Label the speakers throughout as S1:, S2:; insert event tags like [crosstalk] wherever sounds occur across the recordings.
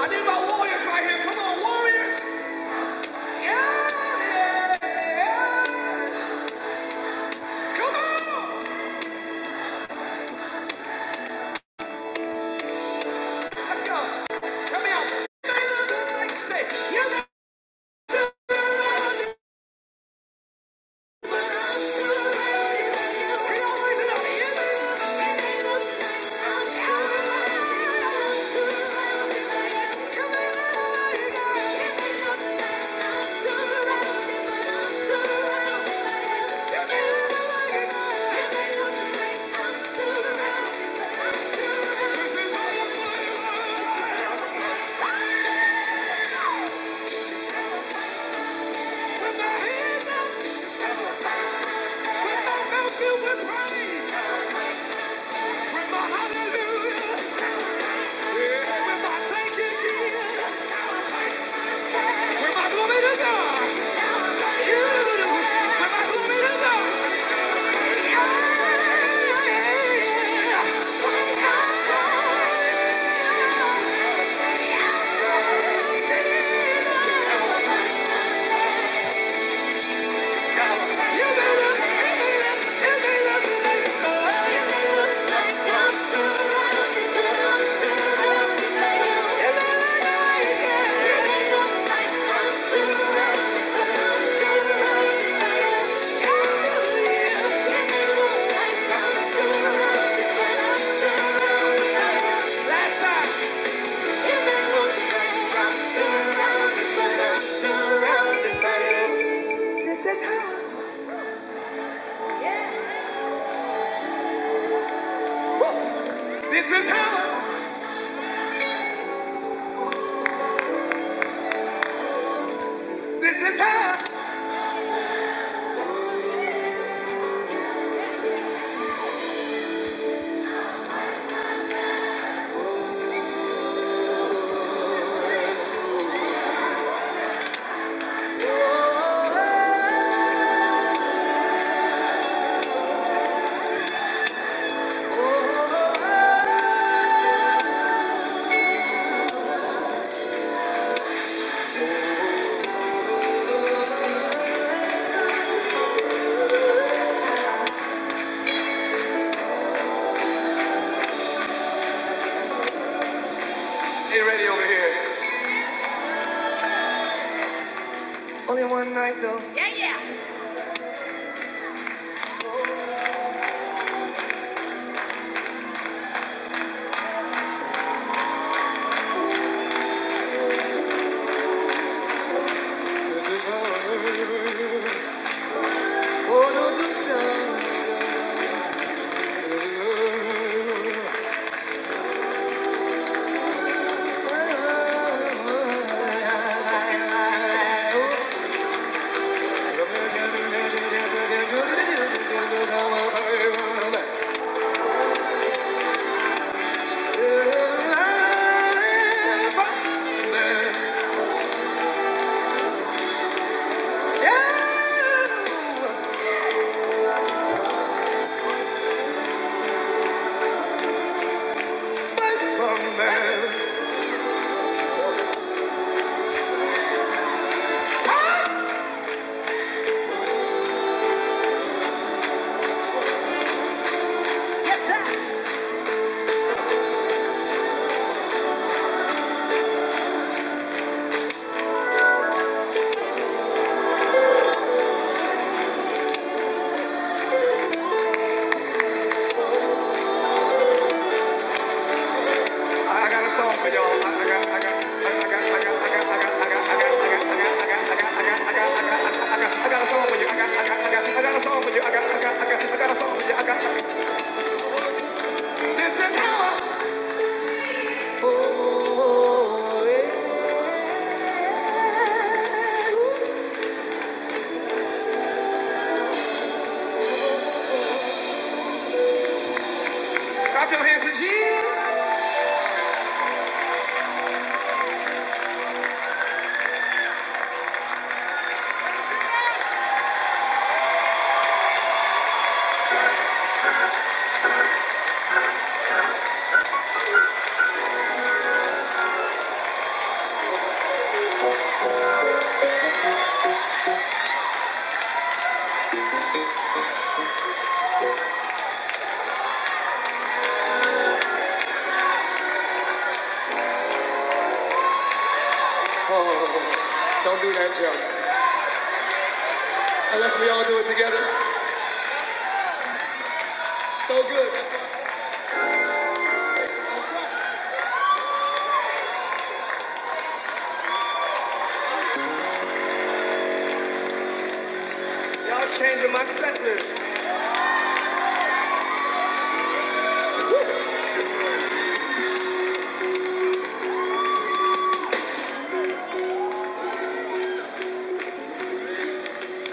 S1: I need my warriors right here. Come on, warriors. Yeah, yeah, yeah. Come on. Let's go. Help me out. Like you Say, yeah, Can y'all raise it up? Yeah. Yeah. This is how. This is how. This is how. Hey, ready over here. Only one night though. Yeah, yeah. This is all. Oh, no, do Yes, sir. I got, I got, I got, I got, I got, I got a song for you. I got, I got, I got, I got a song for you. I got, I got, I got, I got a song for you. I got, This is how I clap your hands for Jesus. Oh, don't do that, Joe. Unless we all do it together. So good. Y'all changing my set list.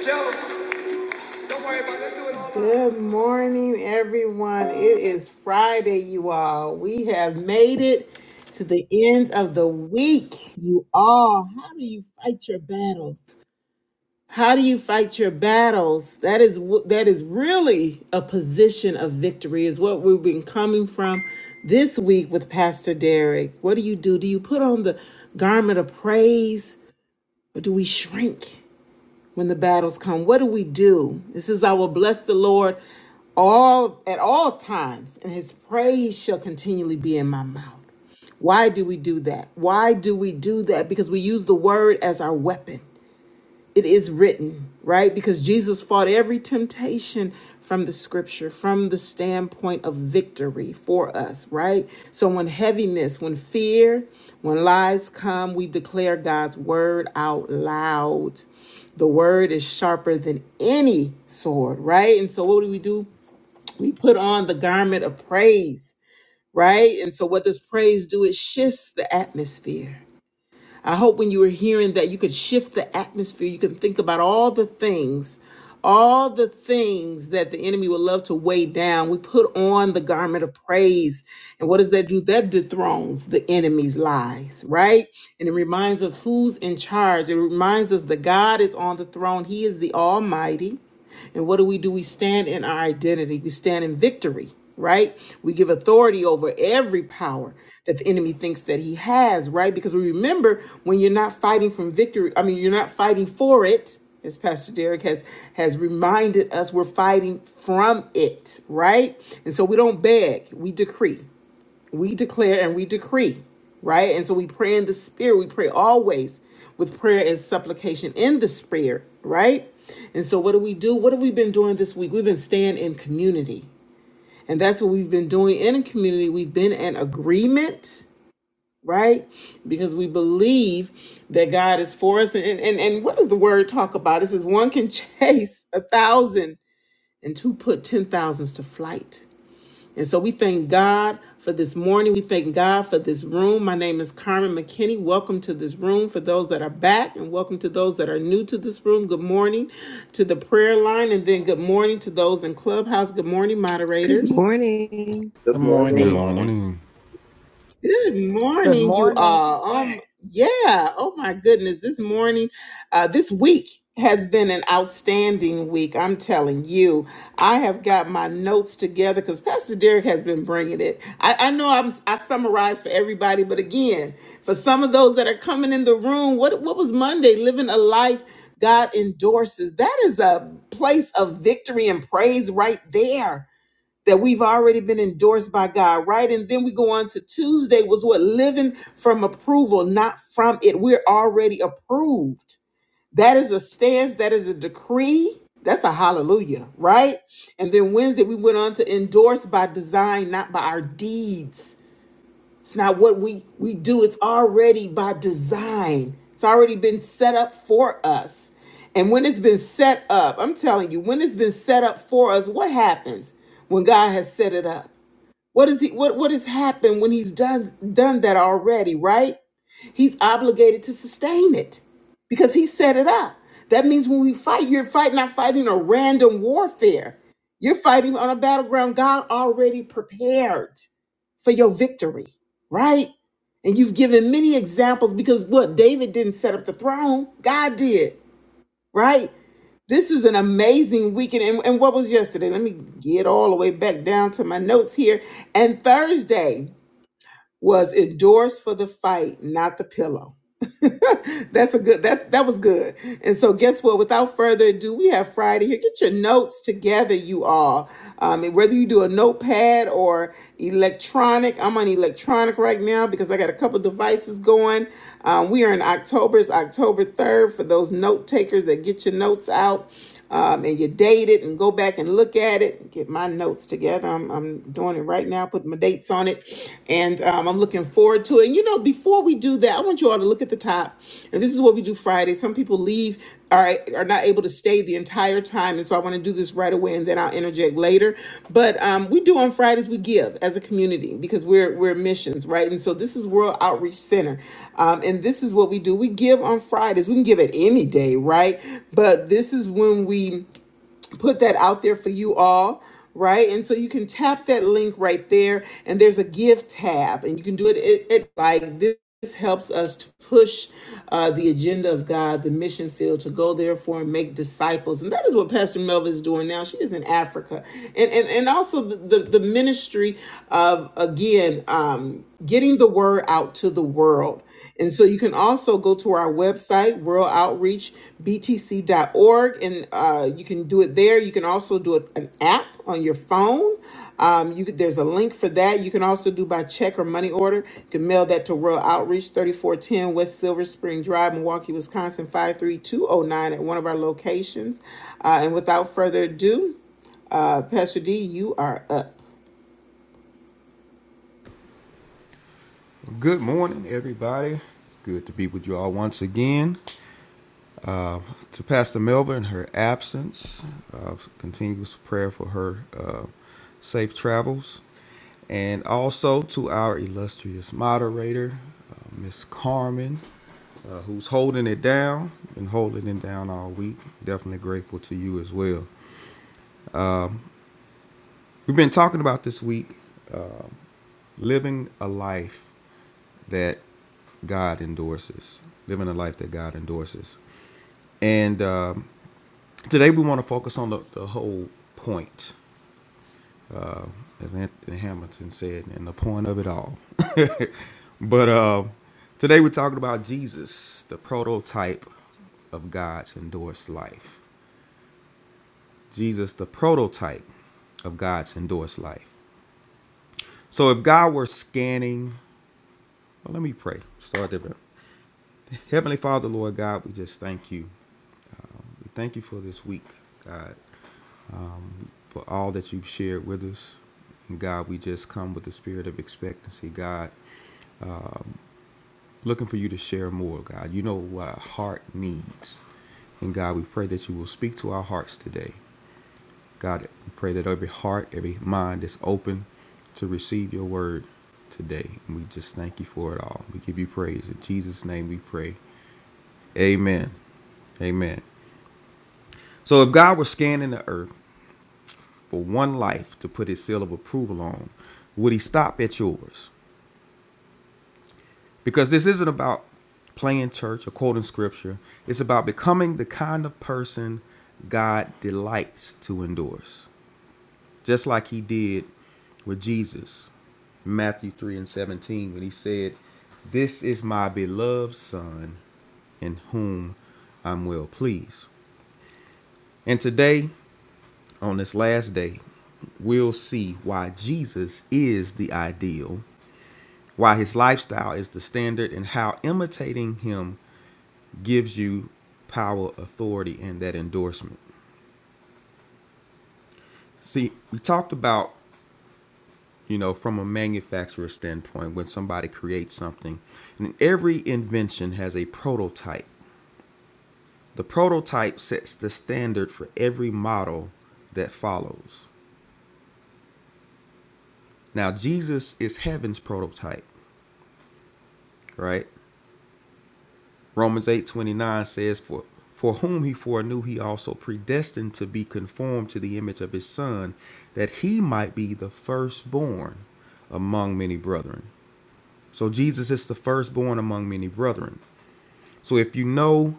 S1: Joe, don't worry about it. Let's do it all. Good morning, everyone. It is Friday, you all. We have made it to the end of the week. You all, how do you fight your battles? How do you fight your battles? That is that is really a position of victory is what we've been coming from this week with Pastor Derek. What do you do? Do you put on the garment of praise or do we shrink when the battles come? What do we do? This is I will bless the Lord all at all times and his praise shall continually be in my mouth. Why do we do that? Why do we do that? Because we use the word as our weapon it is written, right? Because Jesus fought every temptation from the scripture, from the standpoint of victory for us, right? So when heaviness, when fear, when lies come, we declare God's word out loud. The word is sharper than any sword, right? And so what do we do? We put on the garment of praise, right? And so what does praise do? It shifts the atmosphere I hope when you were hearing that you could shift the atmosphere. You can think about all the things, all the things that the enemy would love to weigh down. We put on the garment of praise. And what does that do? That dethrones the enemy's lies, right? And it reminds us who's in charge. It reminds us that God is on the throne, He is the Almighty. And what do we do? We stand in our identity, we stand in victory, right? We give authority over every power that the enemy thinks that he has, right? Because we remember when you're not fighting from victory, I mean, you're not fighting for it, as Pastor Derek has has reminded us, we're fighting from it, right? And so we don't beg, we decree we declare and we decree right and so we pray in the spirit we pray always with prayer and supplication in the spirit right and so what do we do what have we been doing this week we've been staying in community and that's what we've been doing in a community we've been in agreement right because we believe that god is for us and and, and what does the word talk about it says one can [laughs] chase a thousand and two put ten thousands to flight and so we thank God for this morning. We thank God for this room. My name is Carmen McKinney. Welcome to this room for those that are back, and welcome to those that are new to this room. Good morning to the prayer line, and then good morning to those in Clubhouse. Good morning,
S2: Good
S1: moderators.
S2: morning.
S3: Good
S4: Good
S5: Good
S6: Good
S4: morning.
S3: morning.
S5: morning.
S6: morning.
S1: Good
S7: Good
S1: morning, you
S7: morning.
S1: all. Um, yeah. Oh my goodness, this morning, uh, this week has been an outstanding week. I'm telling you, I have got my notes together because Pastor Derek has been bringing it. I, I know I'm I summarized for everybody, but again, for some of those that are coming in the room, what what was Monday? Living a life God endorses. That is a place of victory and praise right there that we've already been endorsed by God, right? And then we go on to Tuesday was what living from approval, not from it. We're already approved. That is a stance, that is a decree. That's a hallelujah, right? And then Wednesday we went on to endorse by design, not by our deeds. It's not what we we do, it's already by design. It's already been set up for us. And when it's been set up, I'm telling you, when it's been set up for us, what happens when God has set it up? What is he what what has happened when he's done done that already, right? He's obligated to sustain it because he set it up. That means when we fight, you're fighting not fighting a random warfare. You're fighting on a battleground God already prepared for your victory, right? And you've given many examples because what David didn't set up the throne, God did, right? This is an amazing weekend. And, and what was yesterday? Let me get all the way back down to my notes here. And Thursday was endorsed for the fight, not the pillow. [laughs] that's a good that's that was good. And so guess what? Without further ado, we have Friday here. Get your notes together, you all. Um, and whether you do a notepad or electronic, I'm on electronic right now because I got a couple devices going. Um, we are in October, it's October 3rd for those note takers that get your notes out um, and you date it and go back and look at it. Get my notes together. I'm, I'm doing it right now, putting my dates on it, and um, I'm looking forward to it. And you know, before we do that, I want you all to look at the top. And this is what we do Friday. Some people leave, all right, are not able to stay the entire entire time. And so I want to do this right away and then I'll interject later. But um, we do on Fridays, we give as a community because we're, we're missions, right? And so this is World Outreach Center. Um, and this is what we do. We give on Fridays. We can give it any day, right? But this is when we put that out there for you all right and so you can tap that link right there and there's a give tab and you can do it It at like this this helps us to push uh, the agenda of God, the mission field, to go therefore and make disciples. And that is what Pastor Melva is doing now. She is in Africa. And and, and also the, the, the ministry of, again, um, getting the word out to the world. And so you can also go to our website, world outreach b t c dot org and uh, you can do it there. You can also do it, an app on your phone. Um, you could, there's a link for that. You can also do by check or money order. You can mail that to World Outreach, 3410 West Silver Spring Drive, Milwaukee, Wisconsin, 53209 at one of our locations. Uh, and without further ado, uh, Pastor D, you are up.
S6: Good morning, everybody. Good to be with you all once again. Uh, to Pastor Melba in her absence, uh, continuous prayer for her uh, safe travels. And also to our illustrious moderator, uh, Miss Carmen, uh, who's holding it down, been holding it down all week. Definitely grateful to you as well. We've been talking about this week uh, living a life that God endorses, living a life that God endorses. And um, today we want to focus on the, the whole point, uh, as Anthony Hamilton said, and the point of it all. [laughs] but uh, today we're talking about Jesus, the prototype of God's endorsed life. Jesus, the prototype of God's endorsed life. So if God were scanning, well, let me pray. Start different. Heavenly Father, Lord God, we just thank you. We thank you for this week, God, for all that you've shared with us. And God, we just come with the spirit of expectancy, God, looking for you to share more, God. You know what our heart needs. And God, we pray that you will speak to our hearts today. God, we pray that every heart, every mind is open to receive your word today. And we just thank you for it all. We give you praise. In Jesus' name we pray. Amen. Amen. So if God were scanning the earth, for one life to put his seal of approval on, would he stop at yours? Because this isn't about playing church or quoting scripture. It's about becoming the kind of person God delights to endorse, just like he did with Jesus in Matthew 3 and 17 when he said, This is my beloved Son in whom I'm well pleased. And today, on this last day, we'll see why Jesus is the ideal Why his lifestyle is the standard and how imitating him gives you power, authority, and that endorsement. See, we talked about, you know, from a manufacturer standpoint, when somebody creates something, and every invention has a prototype. The prototype sets the standard for every model that follows. Now, Jesus is heaven's prototype, right? Romans 8:29 says for for whom he foreknew he also predestined to be conformed to the image of his son that he might be the firstborn among many brethren. So Jesus is the firstborn among many brethren. So if you know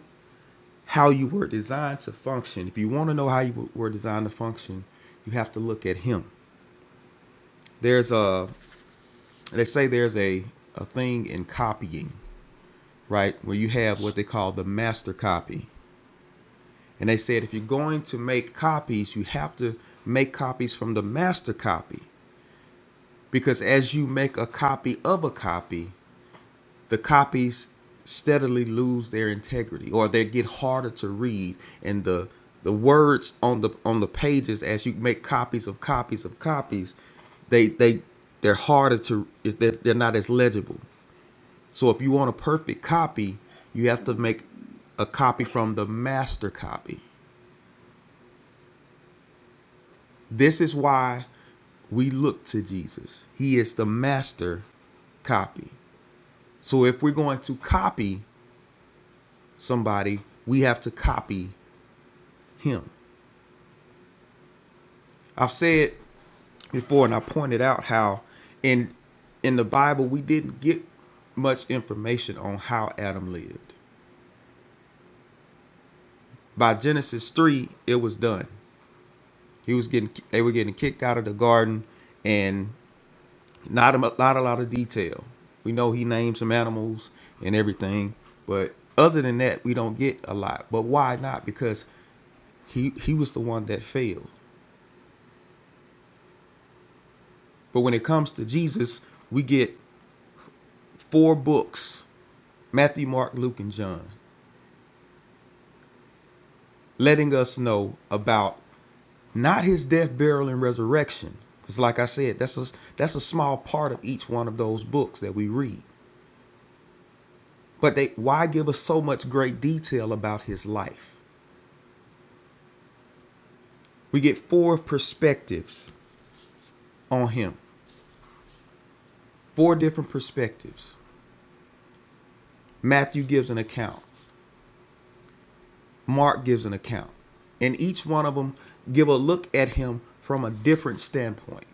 S6: how you were designed to function, if you want to know how you were designed to function, you have to look at him. There's a they say there's a a thing in copying, right? Where you have what they call the master copy And they said if you're going to make copies, you have to make copies from the master copy. Because as you make a copy of a copy, the copies steadily lose their integrity or they get harder to read and the the words on the on the pages as you make copies of copies of copies they they they're harder to is that they're not as legible. So if you want a perfect copy, you have to make a copy from the master copy. This is why we look to Jesus. He is the master copy. So if we're going to copy somebody, we have to copy him. I've said before and I pointed out how in in the Bible we didn't get much information on how Adam lived. By Genesis 3, it was done. He was getting they were getting kicked out of the garden and Not a not a lot of detail. We know he named some animals and everything, but other than that, we don't get a lot. But why not? Because he he was the one that failed. But when it comes to Jesus, we get four books: Matthew, Mark, Luke, and John, letting us know about not his death, burial, and resurrection. Because, like I said, that's a that's a small part of each one of those books that we read. But they why give us so much great detail about his life? we get four perspectives on him, four different perspectives. Matthew gives an account, Mark gives an account, and each one of them give a look at him from a different standpoint.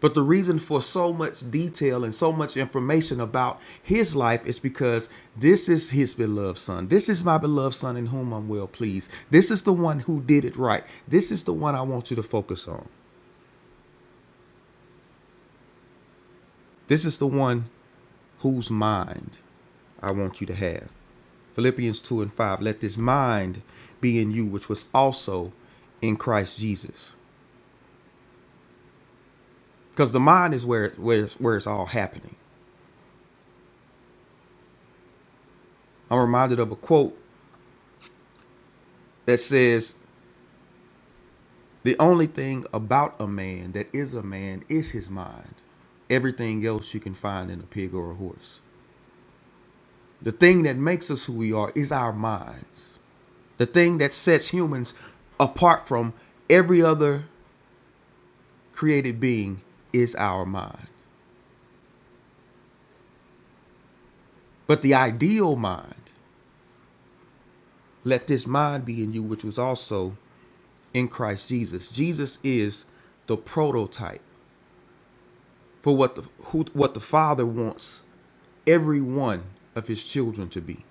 S6: But the reason for so much detail and so much information about his life is because this is his beloved son. This is my beloved son in whom I'm well pleased. This is the one who did it right. This is the one I want you to focus on. This is the one whose mind I want you to have. Philippians 2 and 5. Let this mind be in you, which was also in Christ Jesus. Because the mind is where, where, it's- where it's all happening. I'm reminded of a quote that says, The only thing about a man that is a man is his mind. Everything else you can find in a pig or a horse. The thing that makes us who we are is our minds. The thing that sets humans apart from every other created being is our mind. But the ideal mind Let this mind be in you, which was also in Christ Jesus. Jesus is the prototype for what the who, what the Father wants every one of His children to be.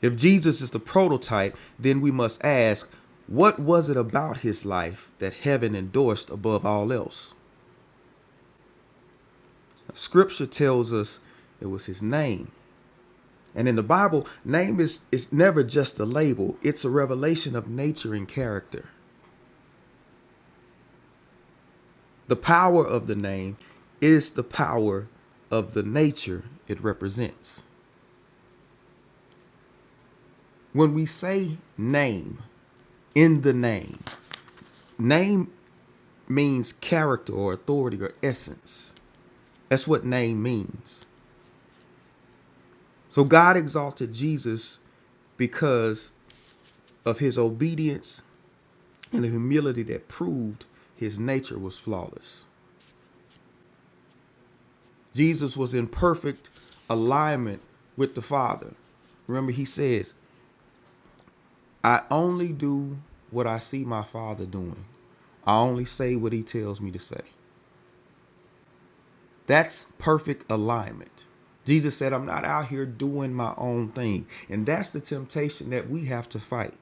S6: If Jesus is the prototype, then we must ask, what was it about His life that heaven endorsed above all else? Scripture tells us it was His name. And in the Bible, name is, is never just a label, it's a revelation of nature and character. The power of the name is the power of the nature it represents. When we say name, in the name, name means character or authority or essence. That's what name means. So God exalted Jesus because of his obedience and the humility that proved his nature was flawless. Jesus was in perfect alignment with the Father. Remember, he says, I only do what I see my father doing. I only say what he tells me to say. That's perfect alignment. Jesus said, I'm not out here doing my own thing. And that's the temptation that we have to fight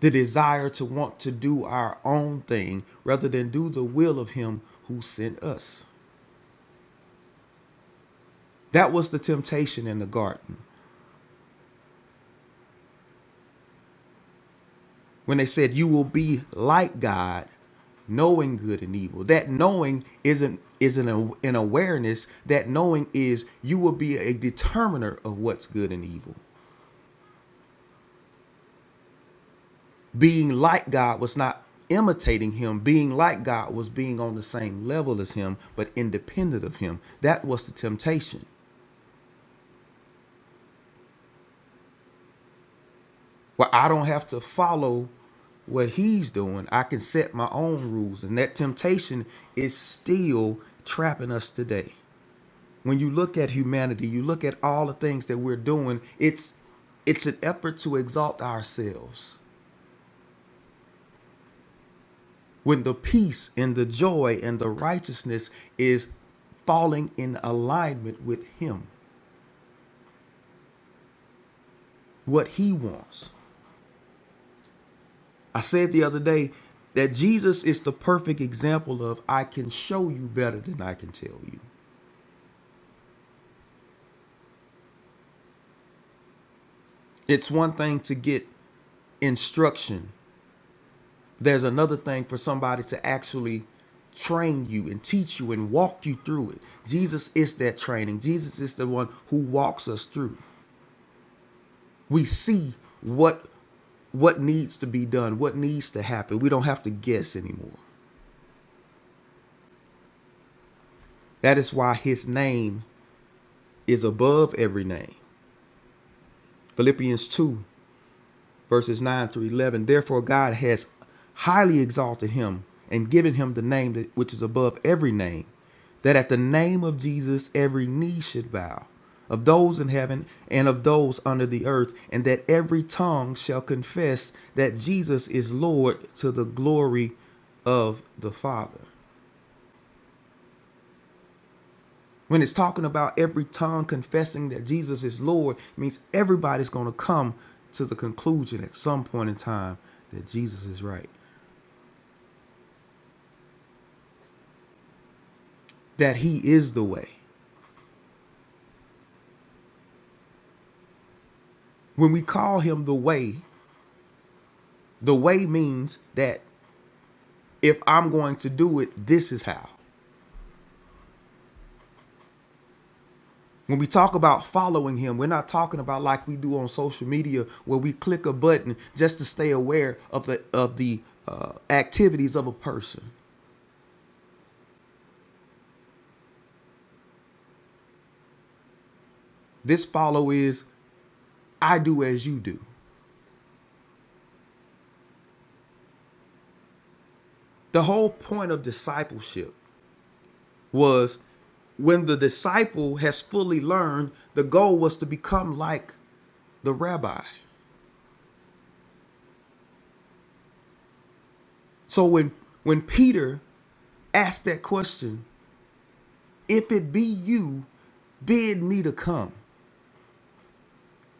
S6: the desire to want to do our own thing rather than do the will of him who sent us. That was the temptation in the garden. when they said you will be like God, knowing good and evil. That knowing isn't isn't a, an awareness. That knowing is you will be a determiner of what's good and evil. Being like God was not imitating him. Being like God was being on the same level as him, but independent of him. That was the temptation. Well, I don't have to follow what he's doing. I can set my own rules. And that temptation is still trapping us today. when you look at humanity, you look at all the things that we're doing, it's it's an effort to exalt ourselves. When the peace and the joy and the righteousness is falling in alignment with him, what he wants. I said the other day that Jesus is the perfect example of I can show you better than I can tell you. It's one thing to get instruction there's another thing for somebody to actually train you and teach you and walk you through it. Jesus is that training. Jesus is the one who walks us through. We see what what needs to be done, what needs to happen. We don't have to guess anymore. That is why his name is above every name. Philippians 2 verses 9 through 11. Therefore, God has highly exalted him and given him the name that, which is above every name, that at the name of Jesus every knee should bow, of those in heaven and of those under the earth, and that every tongue shall confess that Jesus is Lord to the glory of the Father. When it's talking about every tongue confessing that Jesus is Lord, it means everybody's going to come to the conclusion at some point in time that Jesus is right. that he is the way. When we call him the way, the way means that if I'm going to do it, this is how. When we talk about following him, we're not talking about like we do on social media where we click a button just to stay aware of the of the uh, activities of a person. This follow is I do as you do. The whole point of discipleship was when the disciple has fully learned, the goal was to become like the rabbi. So when when Peter asked that question, if it be you, bid me to come.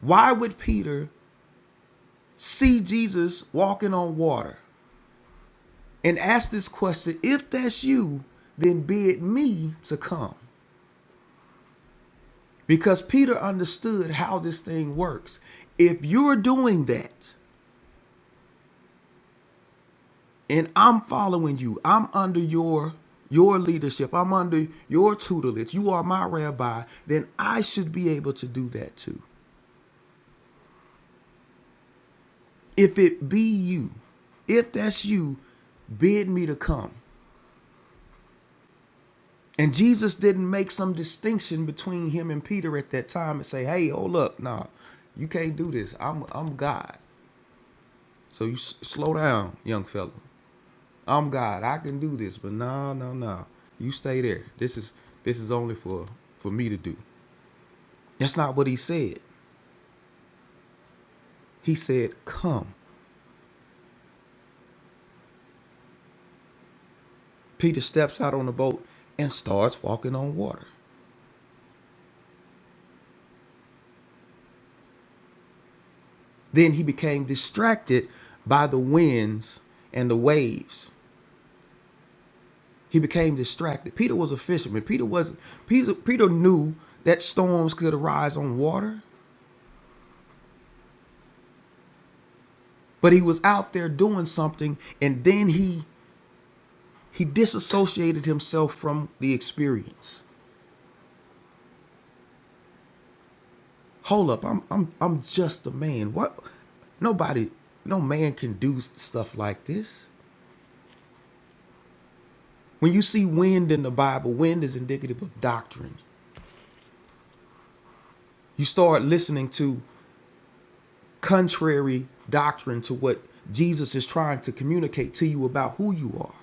S6: Why would Peter see Jesus walking on water and ask this question, if that's you, then bid me to come? Because Peter understood how this thing works. If you're doing that and I'm following you, I'm under your your leadership, I'm under your tutelage, you are my rabbi, then I should be able to do that too. If it be you, if that's you, bid me to come. And Jesus didn't make some distinction between him and Peter at that time and say, "Hey, oh look, nah, you can't do this. I'm I'm God. So you s- slow down, young fella. I'm God. I can do this, but no, no, no. You stay there. This is this is only for for me to do." That's not what he said. He said, "Come." Peter steps out on the boat and starts walking on water. Then he became distracted by the winds and the waves. He became distracted. Peter was a fisherman. Peter wasn't Peter, Peter knew that storms could arise on water, but he was out there doing something and then he he disassociated himself from the experience. Hold up, I'm I'm I'm just a man. What nobody no man can do stuff like this. When you see wind in the Bible, wind is indicative of doctrine. You start listening to contrary doctrine to what Jesus is trying to communicate to you about who you are.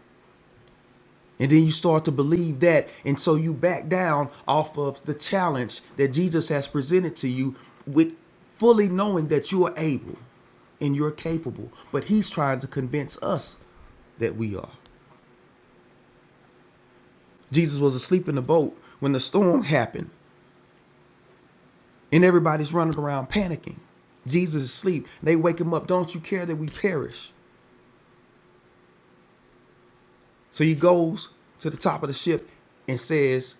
S6: And then you start to believe that. And so you back down off of the challenge that Jesus has presented to you with fully knowing that you are able and you're capable. But he's trying to convince us that we are. Jesus was asleep in the boat when the storm happened and everybody's running around panicking. Jesus is asleep. They wake him up. Don't you care that we perish? So he goes to the top of the ship and says,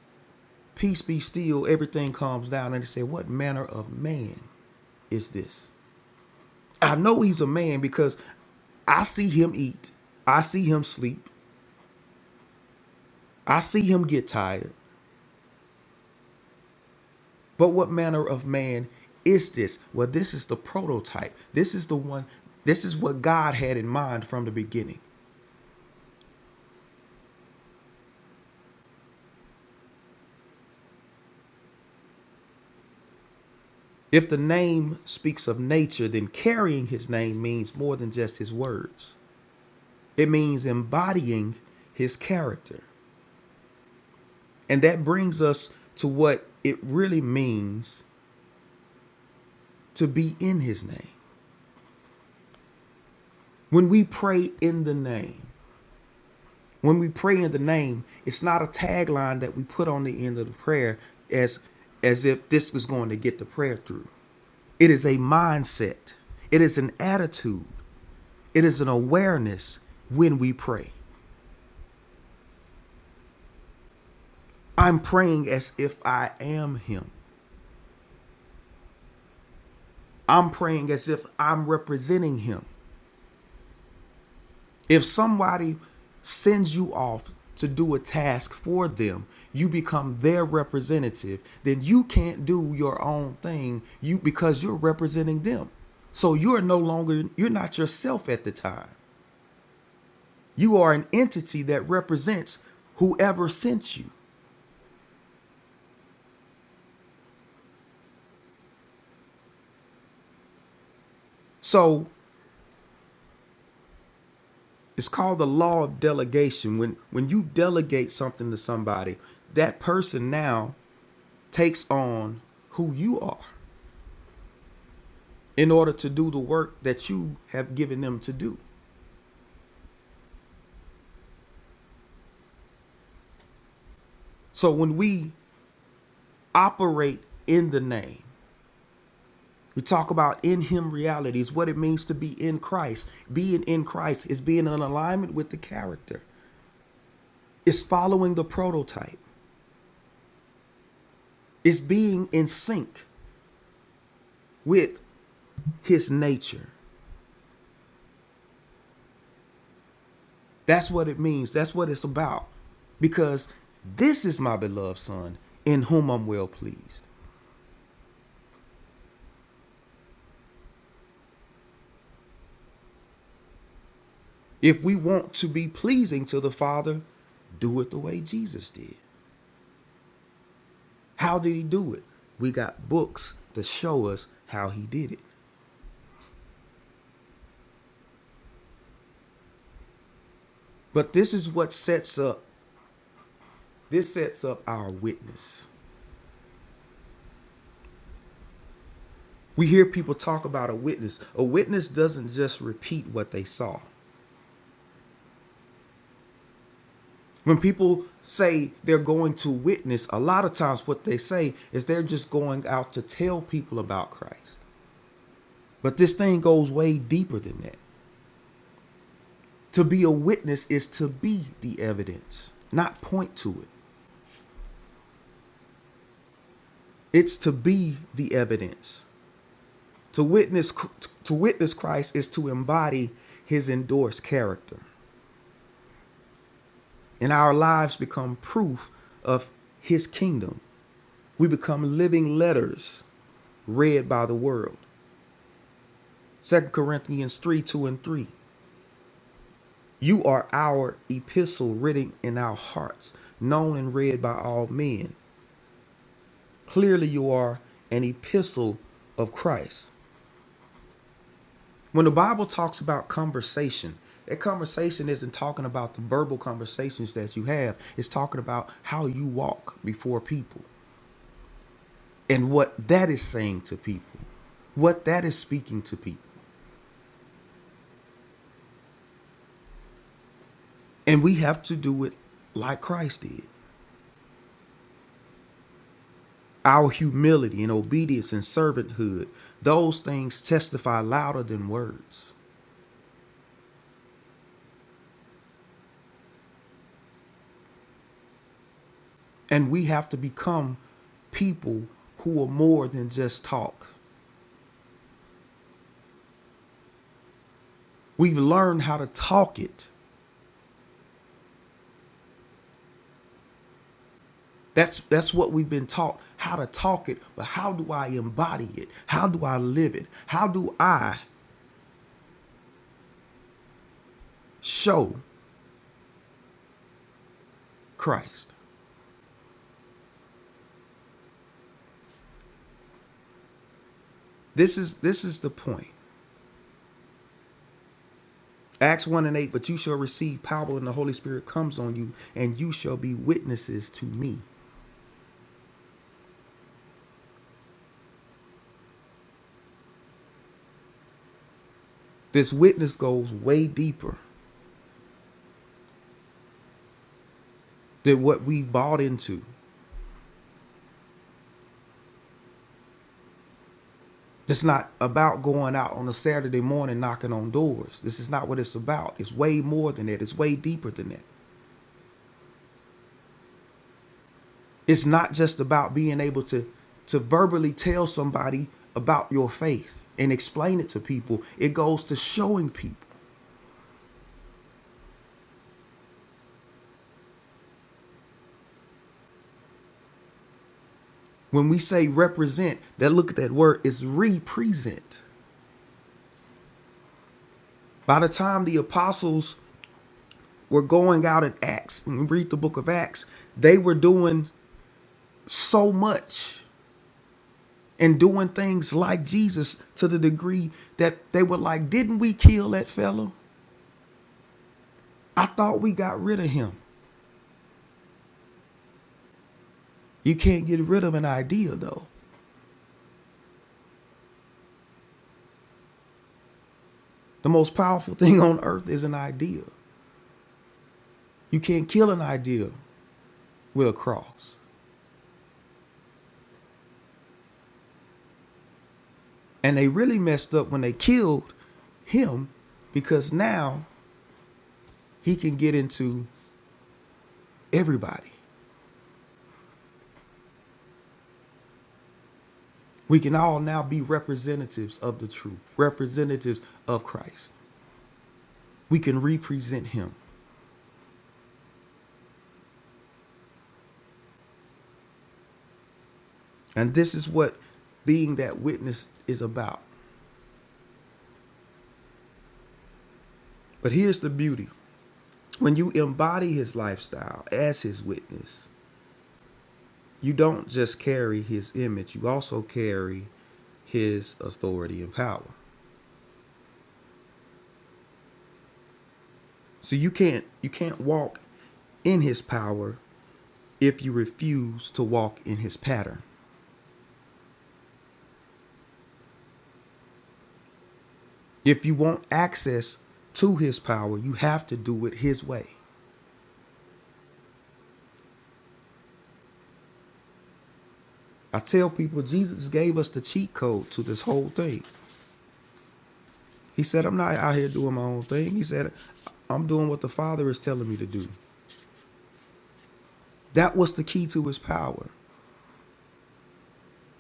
S6: Peace be still, everything calms down. And they say, What manner of man is this? I know he's a man because I see him eat, I see him sleep, I see him get tired. But what manner of man is this? Well, this is the prototype. This is the one, this is what God had in mind from the beginning. If the name speaks of nature, then carrying his name means more than just his words. It means embodying his character. And that brings us to what it really means to be in his name. When we pray in the name, when we pray in the name, it's not a tagline that we put on the end of the prayer as as if this was going to get the prayer through. It is a mindset. It is an attitude. It is an awareness when we pray. I'm praying as if I am him. I'm praying as if I'm representing him. If somebody sends you off to do a task for them, you become their representative, then you can't do your own thing you because you're representing them. So you're no longer you're not yourself at the time. You are an entity that represents whoever sent you. So it's called the law of delegation. When when you delegate something to somebody, that person now takes on who you are. in order to do the work that you have given them to do. So when we operate in the name, we talk about in him realities, what it means to be in Christ. Being in Christ is being in alignment with the character. It's following the prototype. It's being in sync with his nature. That's what it means. That's what it's about. Because this is my beloved son in whom I'm well pleased. If we want to be pleasing to the Father, do it the way Jesus did. How did he do it? We got books to show us how he did it. But this is what sets up this sets up our witness. We hear people talk about a witness. A witness doesn't just repeat what they saw. When people say they're going to witness, a lot of times what they say is they're just going out to tell people about Christ. But this thing goes way deeper than that. To be a witness is to be the evidence, not point to it. It's to be the evidence. To witness to witness Christ is to embody his endorsed character. And our lives become proof of his kingdom. We become living letters read by the world. Second Corinthians 3 2 and 3. You are our epistle written in our hearts, known and read by all men. Clearly, you are an epistle of Christ. When the Bible talks about conversation, that conversation isn't talking about the verbal conversations that you have, it's talking about how you walk before people and what that is saying to people, what that is speaking to people. And we have to do it like Christ did. Our humility and obedience and servanthood, those things testify louder than words. And we have to become people who are more than just talk. We've learned how to talk it. That's that's what we've been taught, how to talk it, but how do I embody it? How do I live it? How do I show Christ? This is this is the point. Acts 1 and 8, but you shall receive power when the Holy Spirit comes on you, and you shall be witnesses to me. This witness goes way deeper than what we bought into. It's not about going out on a Saturday morning knocking on doors. This is not what it's about. It's way more than that. It's way deeper than that. It's not just about being able to to verbally tell somebody about your faith and explain it to people. It goes to showing people. When we say represent, that look at that word is represent. By the time the apostles were going out in Acts, and we read the book of Acts, they were doing so much and doing things like Jesus to the degree that they were like, Didn't we kill that fellow? I thought we got rid of him. You can't get rid of an idea, though. The most powerful thing on earth is an idea. You can't kill an idea with a cross. And they really messed up when they killed him because now he can get into everybody. We can all now be representatives of the truth, representatives of Christ. We can represent him. And this is what being that witness is about. But here's the beauty when you embody his lifestyle as his witness, you don't just carry his image, you also carry his authority and power. So you can't you can't walk in his power if you refuse to walk in his pattern. If you want access to his power, you have to do it his way. I tell people Jesus gave us the cheat code to this whole thing. He said, I'm not out here doing my own thing. He said, I'm doing what the Father is telling me to do. That was the key to his power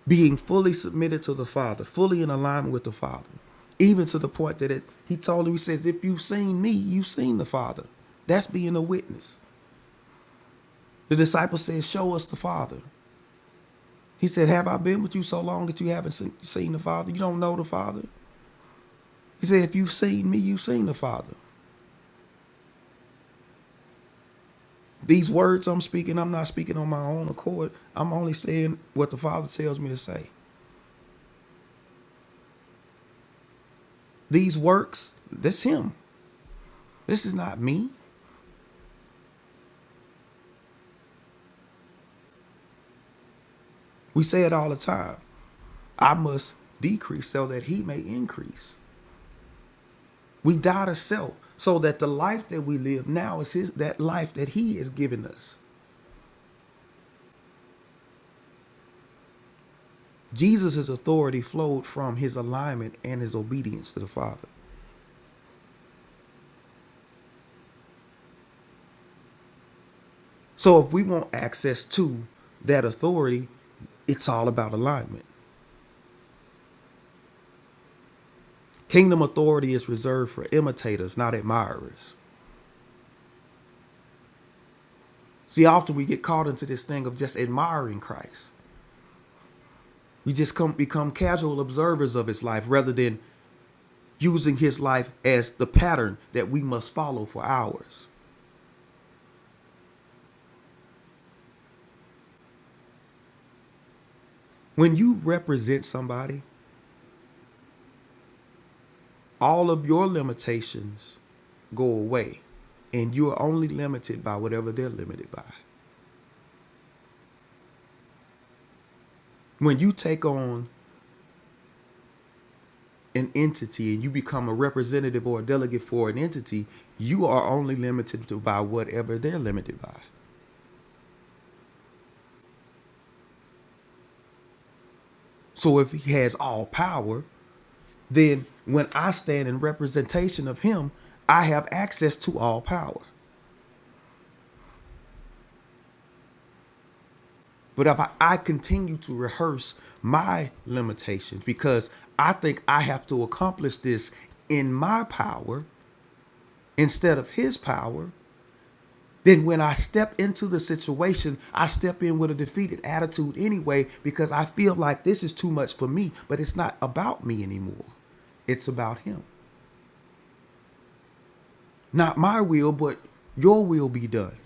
S6: being fully submitted to the Father, fully in alignment with the Father, even to the point that it, he told him, He says, If you've seen me, you've seen the Father. That's being a witness. The disciple said, Show us the Father. He said, Have I been with you so long that you haven't seen seen the Father? You don't know the Father? He said, If you've seen me, you've seen the Father. These words I'm speaking, I'm not speaking on my own accord. I'm only saying what the Father tells me to say. These works, that's Him. This is not me. We say it all the time. I must decrease so that He may increase. We die to self so that the life that we live now is his, that life that He has given us. Jesus' authority flowed from His alignment and His obedience to the Father. So if we want access to that authority, it's all about alignment. Kingdom authority is reserved for imitators, not admirers. See, often we get caught into this thing of just admiring Christ. We just come become casual observers of his life rather than using his life as the pattern that we must follow for ours. When you represent somebody, all of your limitations go away and you are only limited by whatever they're limited by. When you take on an entity and you become a representative or a delegate for an entity, you are only limited to by whatever they're limited by. So if he has all power, then when I stand in representation of him, I have access to all power. But if I, I continue to rehearse my limitations because I think I have to accomplish this in my power instead of his power, then when I step into the situation, I step in with a defeated attitude anyway because I feel like this is too much for me, but it's not about me anymore. It's about Him. Not my will, but your will be done.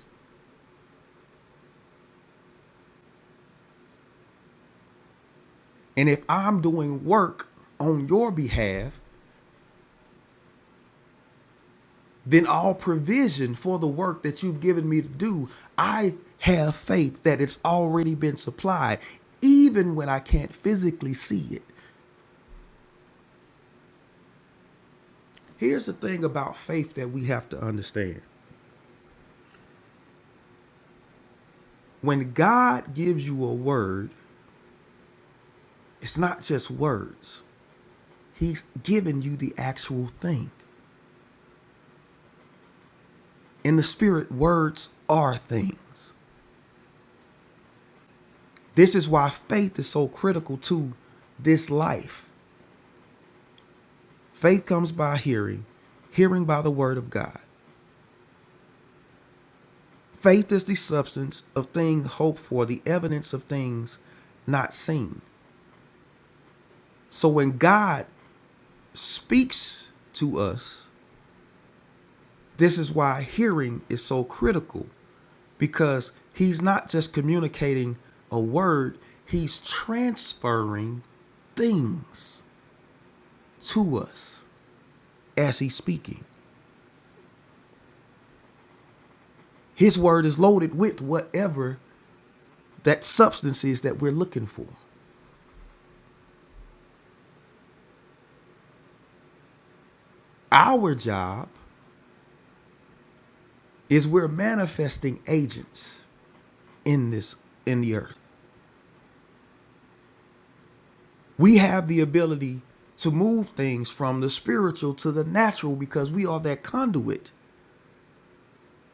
S6: And if I'm doing work on your behalf, then all provision for the work that you've given me to do, I have faith that it's already been supplied, even when I can't physically see it. Here's the thing about faith that we have to understand when God gives you a word, it's not just words. He's giving you the actual thing. In the spirit, words are things. This is why faith is so critical to this life. Faith comes by hearing, hearing by the word of God. Faith is the substance of things hoped for, the evidence of things not seen. So when God speaks to us, this is why hearing is so critical because he's not just communicating a word, he's transferring things to us as he's speaking. His word is loaded with whatever that substance is that we're looking for. Our job is we're manifesting agents in this in the earth. We have the ability to move things from the spiritual to the natural because we are that conduit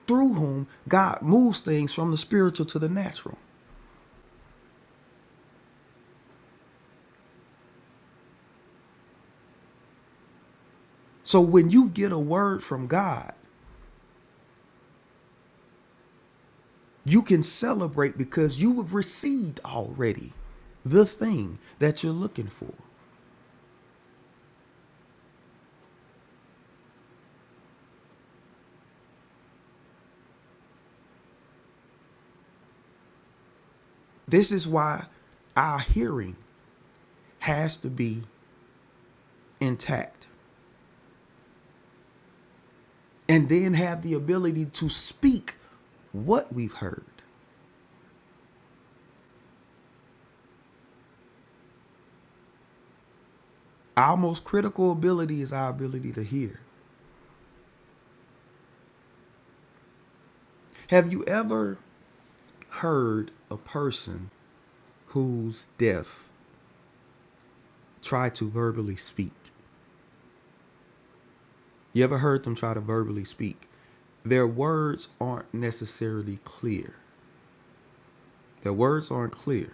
S6: through whom God moves things from the spiritual to the natural. So when you get a word from God, you can celebrate because you have received already the thing that you're looking for. This is why our hearing has to be intact and then have the ability to speak what we've heard. Our most critical ability is our ability to hear. Have you ever heard a person who's deaf try to verbally speak? You ever heard them try to verbally speak? Their words aren't necessarily clear. Their words aren't clear.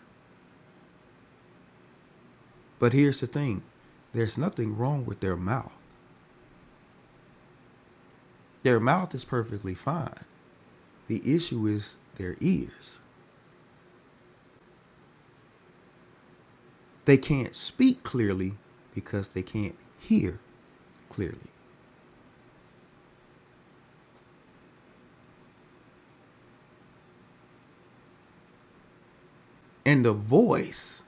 S6: But here's the thing there's nothing wrong with their mouth. Their mouth is perfectly fine. The issue is their ears. They can't speak clearly because they can't hear clearly. And the voice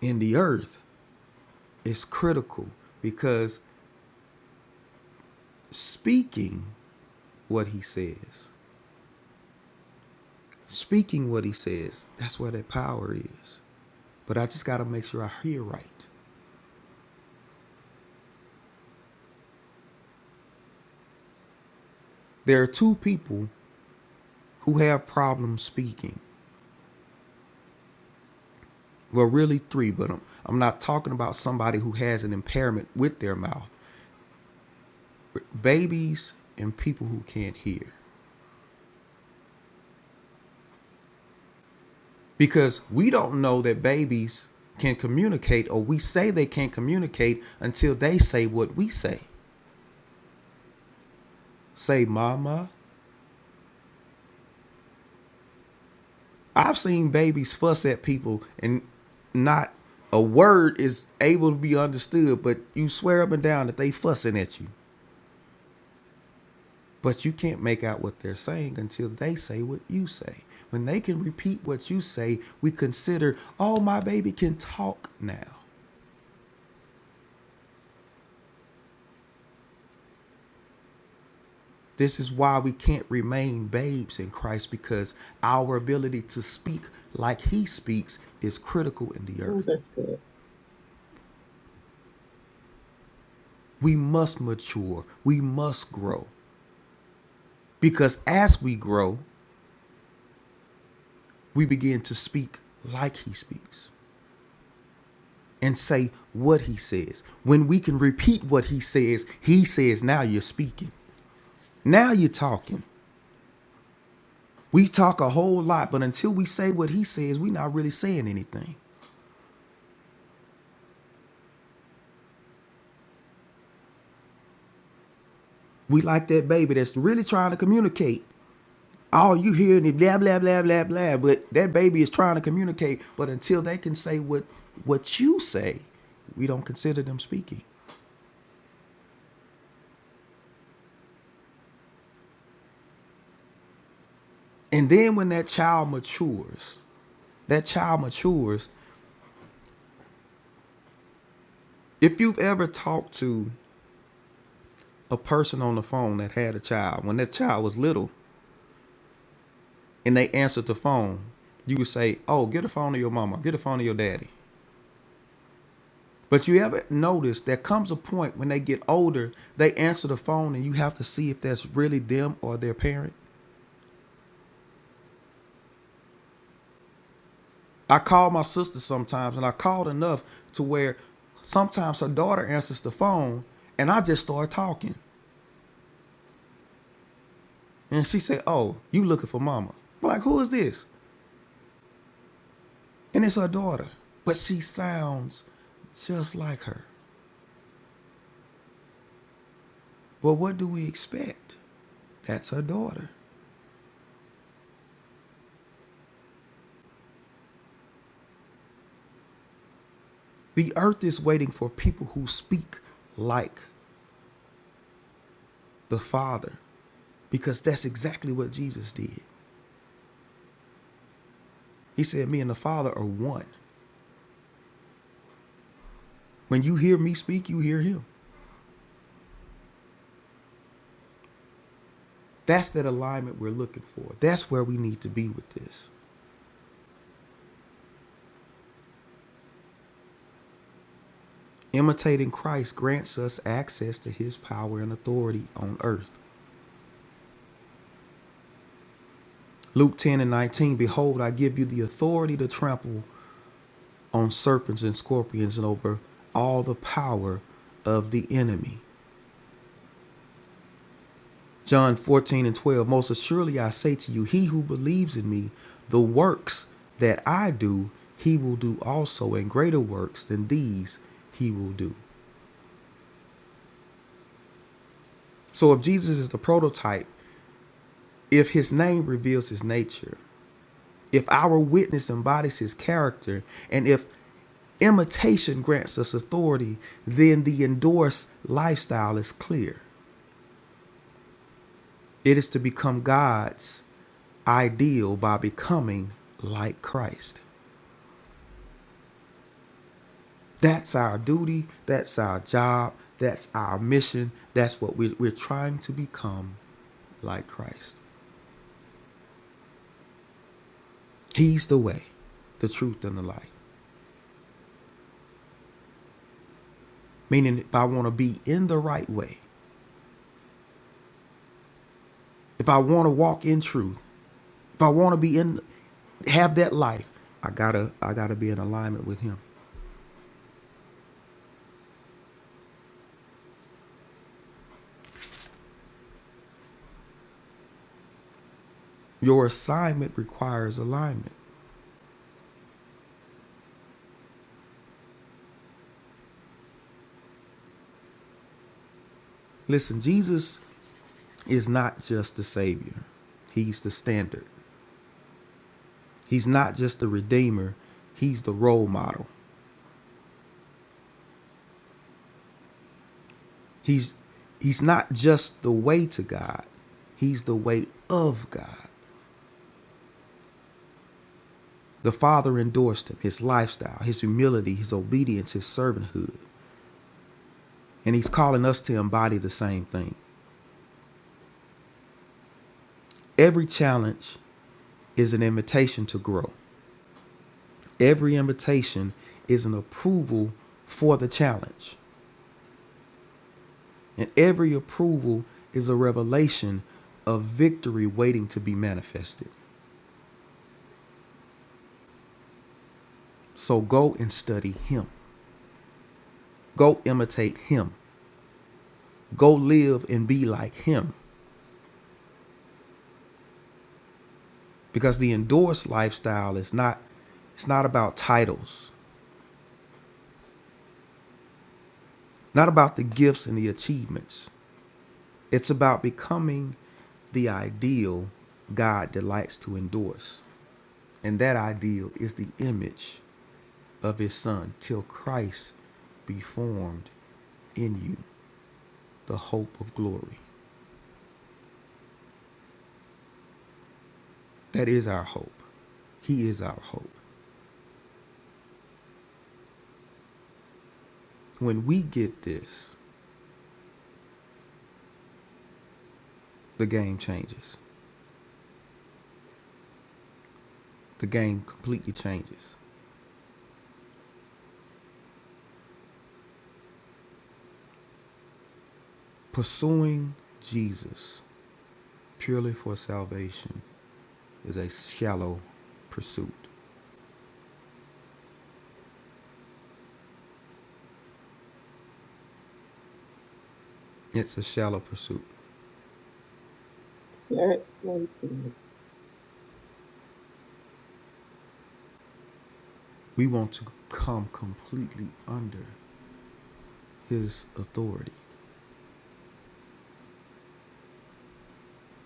S6: in the earth is critical because speaking what he says Speaking what he says, that's where that power is. But I just got to make sure I hear right. There are two people who have problems speaking. Well, really three, but I'm, I'm not talking about somebody who has an impairment with their mouth. babies and people who can't hear. Because we don't know that babies can communicate, or we say they can't communicate until they say what we say. Say, Mama, I've seen babies fuss at people and not a word is able to be understood, but you swear up and down that they fussing at you. But you can't make out what they're saying until they say what you say. When they can repeat what you say, we consider, oh, my baby can talk now. This is why we can't remain babes in Christ because our ability to speak like he speaks is critical in the
S1: Oh,
S6: earth.
S1: that's good.
S6: We must mature. We must grow. Because as we grow, we begin to speak like he speaks and say what he says. When we can repeat what he says, he says, now you're speaking. Now you're talking. We talk a whole lot, but until we say what he says, we're not really saying anything. We like that baby that's really trying to communicate. All you hearing is blah blah blah blah blah. But that baby is trying to communicate. But until they can say what what you say, we don't consider them speaking. And then when that child matures, that child matures. If you've ever talked to a person on the phone that had a child, when that child was little and they answered the phone, you would say, Oh, get a phone to your mama, get a phone to your daddy. But you ever notice there comes a point when they get older, they answer the phone and you have to see if that's really them or their parent. I call my sister sometimes and I called enough to where sometimes her daughter answers the phone and I just start talking. And she said, Oh, you looking for mama. I'm like, who is this? And it's her daughter, but she sounds just like her. But what do we expect? That's her daughter. The earth is waiting for people who speak like the Father because that's exactly what Jesus did. He said, Me and the Father are one. When you hear me speak, you hear him. That's that alignment we're looking for. That's where we need to be with this. Imitating Christ grants us access to his power and authority on earth. Luke 10 and 19 Behold, I give you the authority to trample on serpents and scorpions and over all the power of the enemy. John 14 and 12 Most assuredly I say to you, he who believes in me, the works that I do, he will do also, and greater works than these he will do. So if Jesus is the prototype, if his name reveals his nature, if our witness embodies his character, and if imitation grants us authority, then the endorsed lifestyle is clear. It is to become God's ideal by becoming like Christ. That's our duty. That's our job. That's our mission. That's what we, we're trying to become like Christ. He's the way, the truth, and the life. Meaning, if I want to be in the right way, if I want to walk in truth, if I want to be in, have that life, I gotta, I gotta be in alignment with Him. Your assignment requires alignment. Listen, Jesus is not just the Savior, He's the standard. He's not just the Redeemer, He's the role model. He's, he's not just the way to God, He's the way of God. The Father endorsed him, his lifestyle, his humility, his obedience, his servanthood. And he's calling us to embody the same thing. Every challenge is an invitation to grow, every invitation is an approval for the challenge. And every approval is a revelation of victory waiting to be manifested. So go and study him. Go imitate him. Go live and be like him. Because the endorsed lifestyle is not it's not about titles, not about the gifts and the achievements. It's about becoming the ideal God delights to endorse. And that ideal is the image of his son till Christ be formed in you. the hope of glory. That is our hope. He is our hope. When we get this, the game changes. The game completely changes. Pursuing Jesus purely for salvation is a shallow pursuit. It's a shallow pursuit.
S1: All right.
S6: We want to come completely under his authority.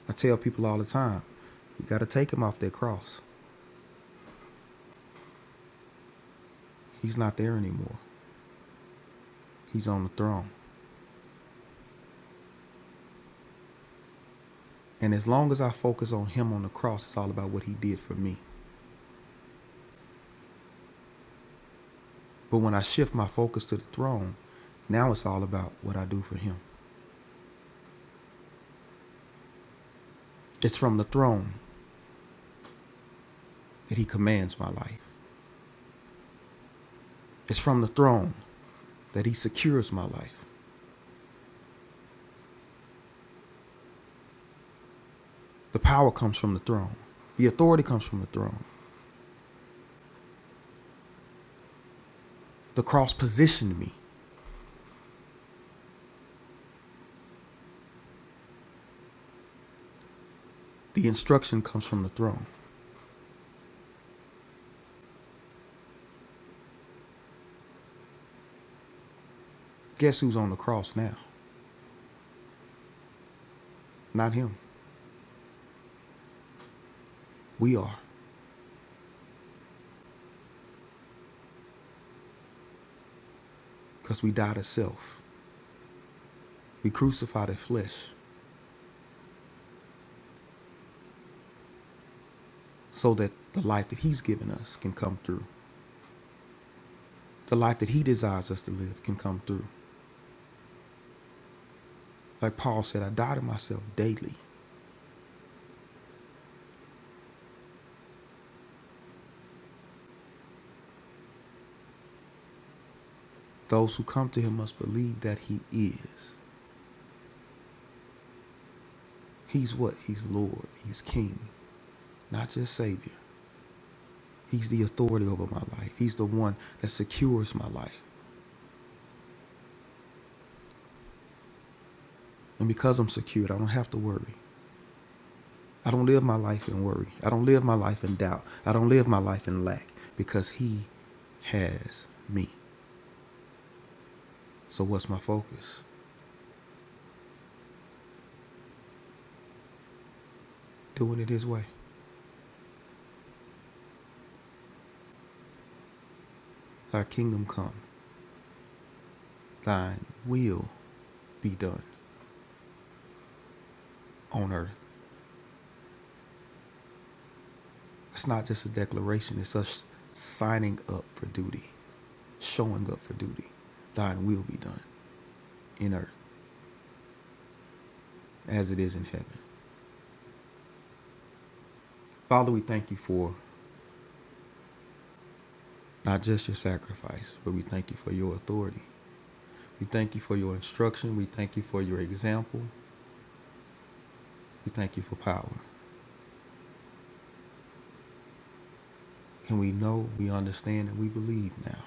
S6: I tell people all the time, you got to take him off that cross. He's not there anymore. He's on the throne. And as long as I focus on him on the cross, it's all about what he did for me. But when I shift my focus to the throne, now it's all about what I do for him. It's from the throne that he commands my life. It's from the throne that he secures my life. The power comes from the throne. The authority comes from the throne. The cross positioned me. The instruction comes from the throne. Guess who's on the cross now? Not him. We are, because we died to self. We crucified the flesh so that the life that he's given us can come through. the life that he desires us to live can come through. Like Paul said, I die to myself daily. Those who come to him must believe that he is. He's what? He's Lord. He's King, not just Savior. He's the authority over my life. He's the one that secures my life. And because I'm secured, I don't have to worry. I don't live my life in worry. I don't live my life in doubt. I don't live my life in lack because he has me. So what's my focus? Doing it his way. Thy kingdom come. Thine will be done on earth. It's not just a declaration, it's us signing up for duty, showing up for duty. Thine will be done in earth as it is in heaven. Father, we thank you for not just your sacrifice, but we thank you for your authority. We thank you for your instruction. We thank you for your example. We thank you for power. And we know, we understand, and we believe now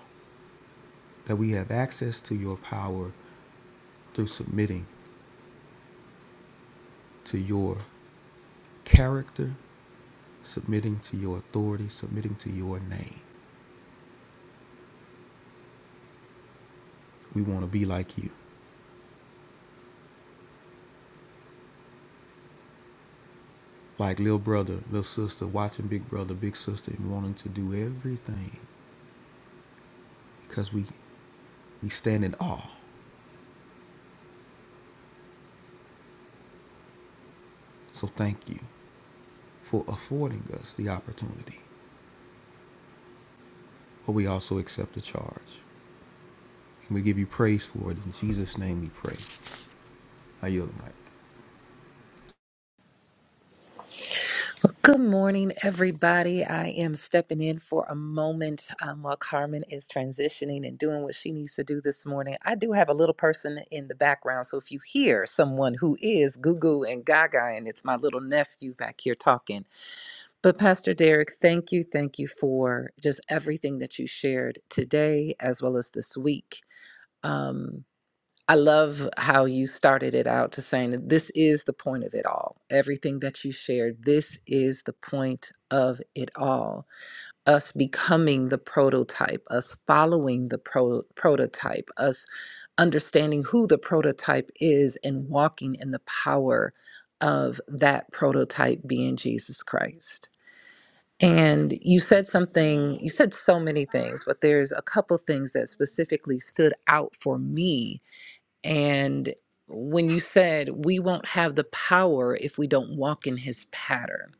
S6: that we have access to your power through submitting to your character submitting to your authority, submitting to your name. We want to be like you, like little brother, little sister, watching big brother, big sister, and wanting to do everything because we we stand in awe. So thank you for affording us the opportunity, but we also accept the charge, and we give you praise for it. In Jesus' name, we pray. I yield the mic.
S8: Good morning, everybody. I am stepping in for a moment um, while Carmen is transitioning and doing what she needs to do this morning. I do have a little person in the background, so if you hear someone who is Goo Goo and Gaga, and it's my little nephew back here talking. But Pastor Derek, thank you, thank you for just everything that you shared today as well as this week. Um, I love how you started it out to saying that this is the point of it all. Everything that you shared, this is the point of it all. Us becoming the prototype, us following the pro- prototype, us understanding who the prototype is and walking in the power of that prototype being Jesus Christ. And you said something, you said so many things, but there's a couple things that specifically stood out for me and when you said we won't have the power if we don't walk in his pattern.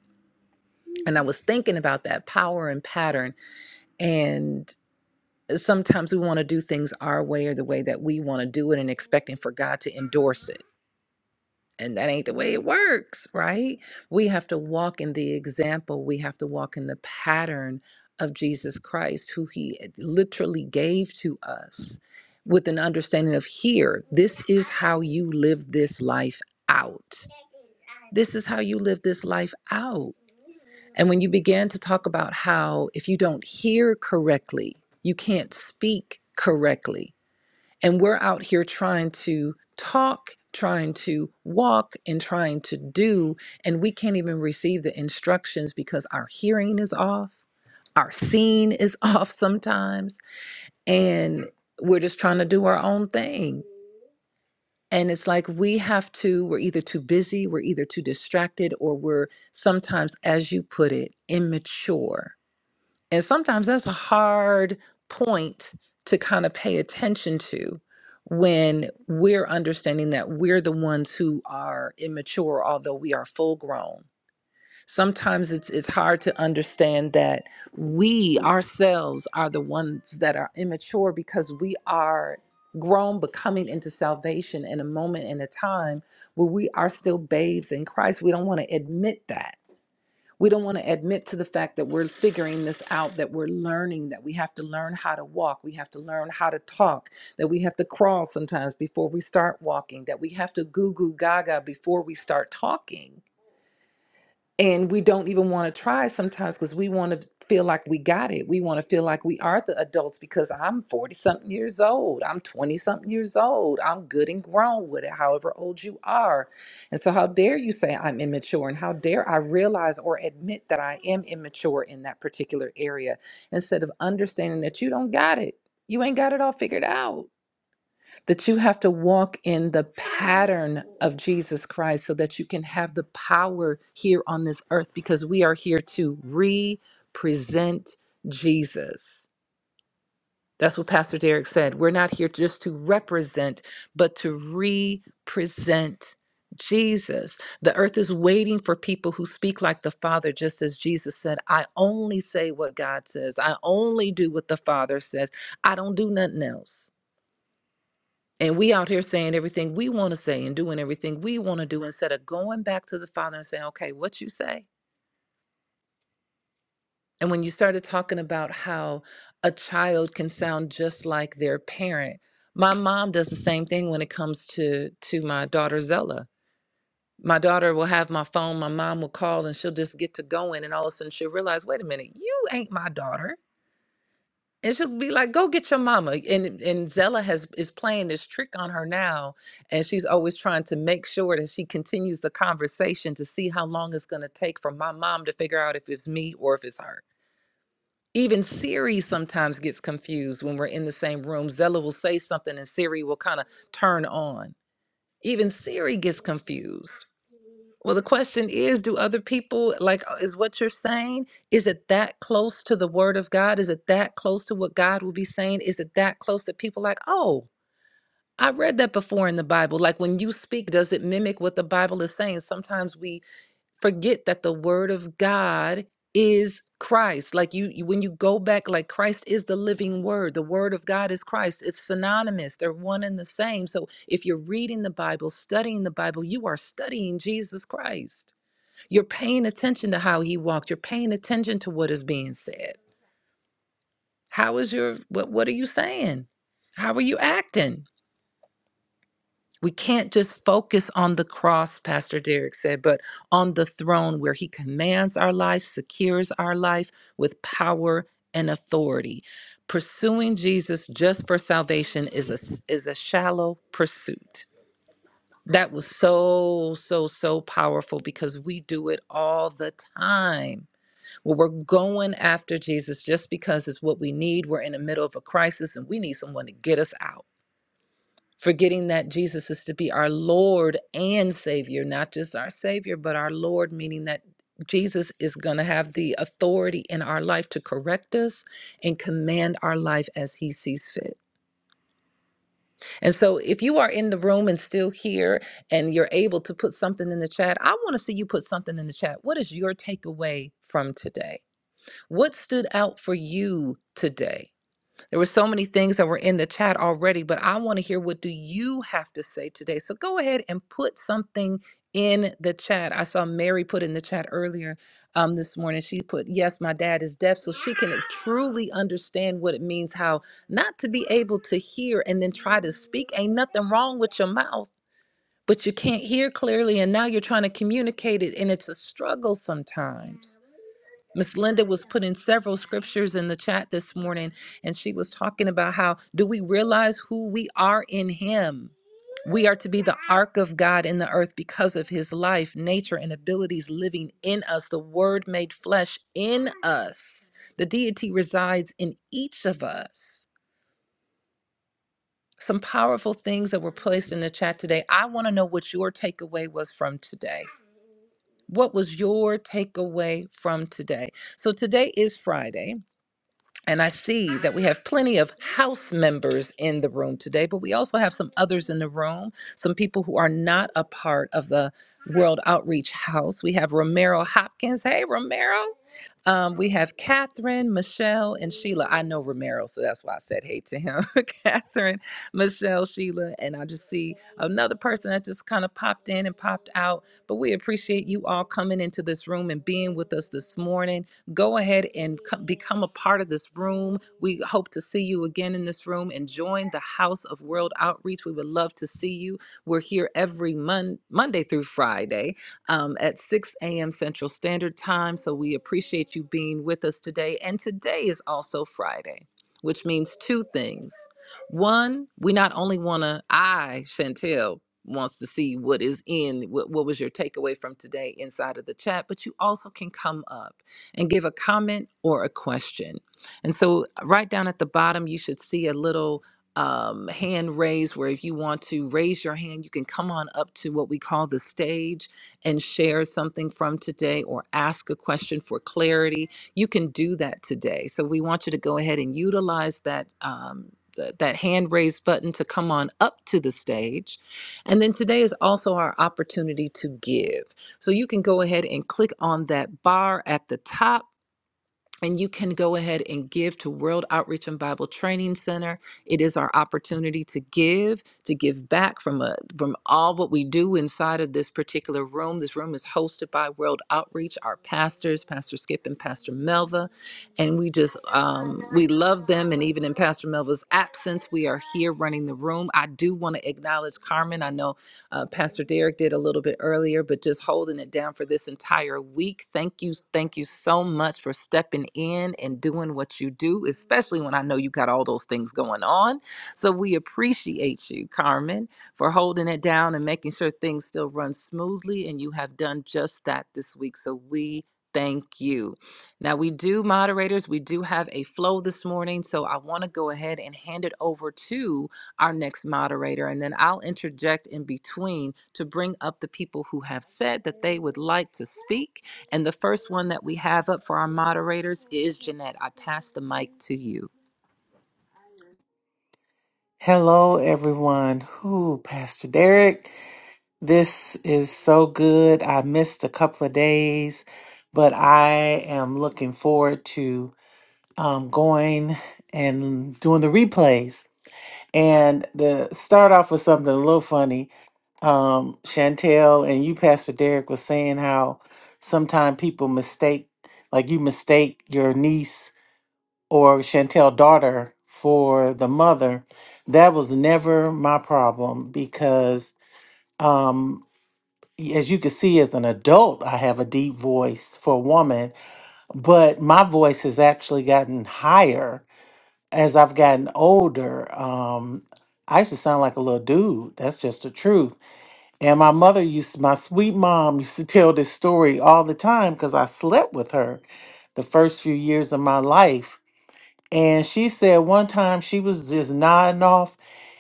S8: And I was thinking about that power and pattern. And sometimes we want to do things our way or the way that we want to do it and expecting for God to endorse it. And that ain't the way it works, right? We have to walk in the example. We have to walk in the pattern of Jesus Christ, who he eh, literally gave to us with an understanding of here, this is how you live this life out. This is how you live this life out. And when you began to talk about how if you don't hear correctly, you can't speak correctly and we're out here trying to talk, trying to walk, and trying to do. And we can't even receive the instructions because our hearing is off, our seeing is [laughs] off sometimes, and we're just trying to do our own thing. And it's like we have to, we're either too busy, we're either too distracted, or we're sometimes, as you put it, immature and sometimes that's a hard point to kind of pay attention to when we're understanding that we're the ones who are immature although we are full grown. Sometimes it's it's hard to understand that we ourselves are the ones that are immature because we are grown but coming into salvation in a moment in a time where we are still babes in Christ. We don't want to admit that we don't want to admit to the fact that we're figuring this out, that we're learning, that we have to learn how to walk, we have to learn how to talk, that we have to crawl sometimes before we start walking, that we have to goo goo gaga before we start talking and we don't even want to try sometimes because we want to feel like we got it. We want to feel like we are the adults because I'm 40 something years old. I'm 20 something years old. I'm good and grown with it, however old you are. And so, how dare you say I'm immature? And how dare I realize or admit that I am immature in that particular area instead of understanding that you don't got it? You ain't got it all figured out that you have to walk in the pattern of Jesus Christ so that you can have the power here on this earth because we are here to represent Jesus. That's what Pastor Derek said. We're not here just to represent, but to represent Jesus. The earth is waiting for people who speak like the Father, just as Jesus said, I only say what God says, I only do what the Father says, I don't do nothing else. And we out here saying everything we want to say and doing everything we want to do instead of going back to the Father and saying, okay, what you say? And when you started talking about how a child can sound just like their parent, my mom does the same thing when it comes to to my daughter Zella. My daughter will have my phone, my mom will call and she'll just get to going and all of a sudden she'll realize, wait a minute, you ain't my daughter. And she'll be like, "Go get your mama." And and Zella has is playing this trick on her now, and she's always trying to make sure that she continues the conversation to see how long it's going to take for my mom to figure out if it's me or if it's her. Even Siri sometimes gets confused when we're in the same room. Zella will say something, and Siri will kind of turn on. Even Siri gets confused. Well, the question is do other people, like, uh, is what you're saying, is it that close to the word of God? Is it that close to what God will be saying? Is it that close that people like, oh, I read that before in the Bible? Like, when you speak, does it mimic what the Bible is saying? Sometimes we forget that the word of God is Christ. Like you, you- when you go back, like Christ is the living word. The word of God is Christ. It's synonymous. They're one and the same. So if you're reading the Bible, studying the Bible, you are studying Jesus Christ. You're paying attention to how he walked. You're paying attention to what is being said. How is your what what are you saying? How are you acting? We can't just focus on the cross, Pastor Derek said, but on the throne where he commands our life, secures our life with power and authority. Pursuing Jesus just for salvation is a s- is a shallow pursuit. That was so so so powerful because we do it all the time Well, we're going after Jesus just because it's what we need. We're in the middle of a crisis and we need someone to get us out. Forgetting that Jesus is to be our Lord and Savior, not just our Savior, but our Lord, meaning that Jesus is going to have the authority in our life to correct us and command our life as He sees fit. And so, if you are in the room and still here and you're able to put something in the chat, I want to see you put something in the chat. What is your takeaway from today? What stood out for you today? There were so many things that were in the chat already, but I want to hear what do you have to say today? So go ahead and put something in the chat. I saw Mary put in the chat earlier um, this morning. She put, "Yes, my dad is deaf," so she can truly understand what it means how not to be able to hear and then try to speak. Ain't nothing wrong with your mouth, but you can't hear clearly, and now you're trying to communicate it, and it's a struggle sometimes. Miss Linda was putting several scriptures in the chat this morning, and she was talking about how do we realize who we are in Him? We are to be the ark of God in the earth because of His life, nature, and abilities living in us, the Word made flesh in us. The deity resides in each of us. Some powerful things that were placed in the chat today. I want to know what your takeaway was from today. What was your takeaway from today? So today is Friday. And I see that we have plenty of house members in the room today, but we also have some others in the room, some people who are not a part of the World Outreach House. We have Romero Hopkins. Hey, Romero. Um, we have Catherine, Michelle, and Sheila. I know Romero, so that's why I said hey to him. [laughs] Catherine, Michelle, Sheila, and I just see another person that just kind of popped in and popped out. But we appreciate you all coming into this room and being with us this morning Go ahead and co- become a part of this room. We hope to see you again in this room and join the House of World Outreach. We would love to see you. We're here every mon- Monday through Friday um, at 6 a.m. Central Standard Time. So we appreciate you being with us today. And today is also Friday, which means two things. One, we not only want to, I, Chantel, wants to see what is in, what, what was your takeaway from today inside of the chat, but you also can come up and give a comment or a question. And so, right down at the bottom, you should see a little um, hand raised where if you want to raise your hand, you can come on up to what we call the stage and share something from today or ask a question for clarity. You can do that today. So, we want you to go ahead and utilize that. Um, th- that hand raised button to come on up to the stage. And then today is also our opportunity to give. So you can go ahead and click on that bar at the top. And you can go ahead and give to World Outreach and Bible Training Center. It is our opportunity to give, to give back from a, from all what we do inside of this particular room. This room is hosted by World Outreach, our pastors, Pastor Skip and Pastor Melva, and we just um, we love them. And even in Pastor Melva's absence, we are here running the room. I do want to acknowledge Carmen. I know uh, Pastor Derek did a little bit earlier, but just holding it down for this entire week. Thank you. Thank you so much for stepping in and doing what you do, especially when I know you got all those things going on. So we appreciate you, Carmen, for holding it down and making sure things still run smoothly. And you have done just that this week. So we thank you. Now, we do, moderators, we do have a flow this morning. So I want to go ahead and hand it over to our next moderator. And then I'll interject in between to bring up the people who have said that they would like to speak. And the first one that we have up for our moderators is Jeanette. I pass the mic to you.
S4: Hello, everyone. Who, Pastor Derek? This is so good. I missed a couple of days, but I am looking forward to um, going and doing the replays. And to start off with something a little funny, um, Chantel and you, Pastor Derek, was saying how sometimes people mistake, like you mistake your niece or Chantel daughter for the mother, that was never my problem because um as you can see as an adult, I have a deep voice for a woman, but my voice has actually gotten higher as I've gotten older. Um I used to sound like a little dude. That's just the truth. And my mother used, my sweet mom [laughs] used to tell this story all the time because I slept with her the first few years of my life and she said one time she was just nodding off,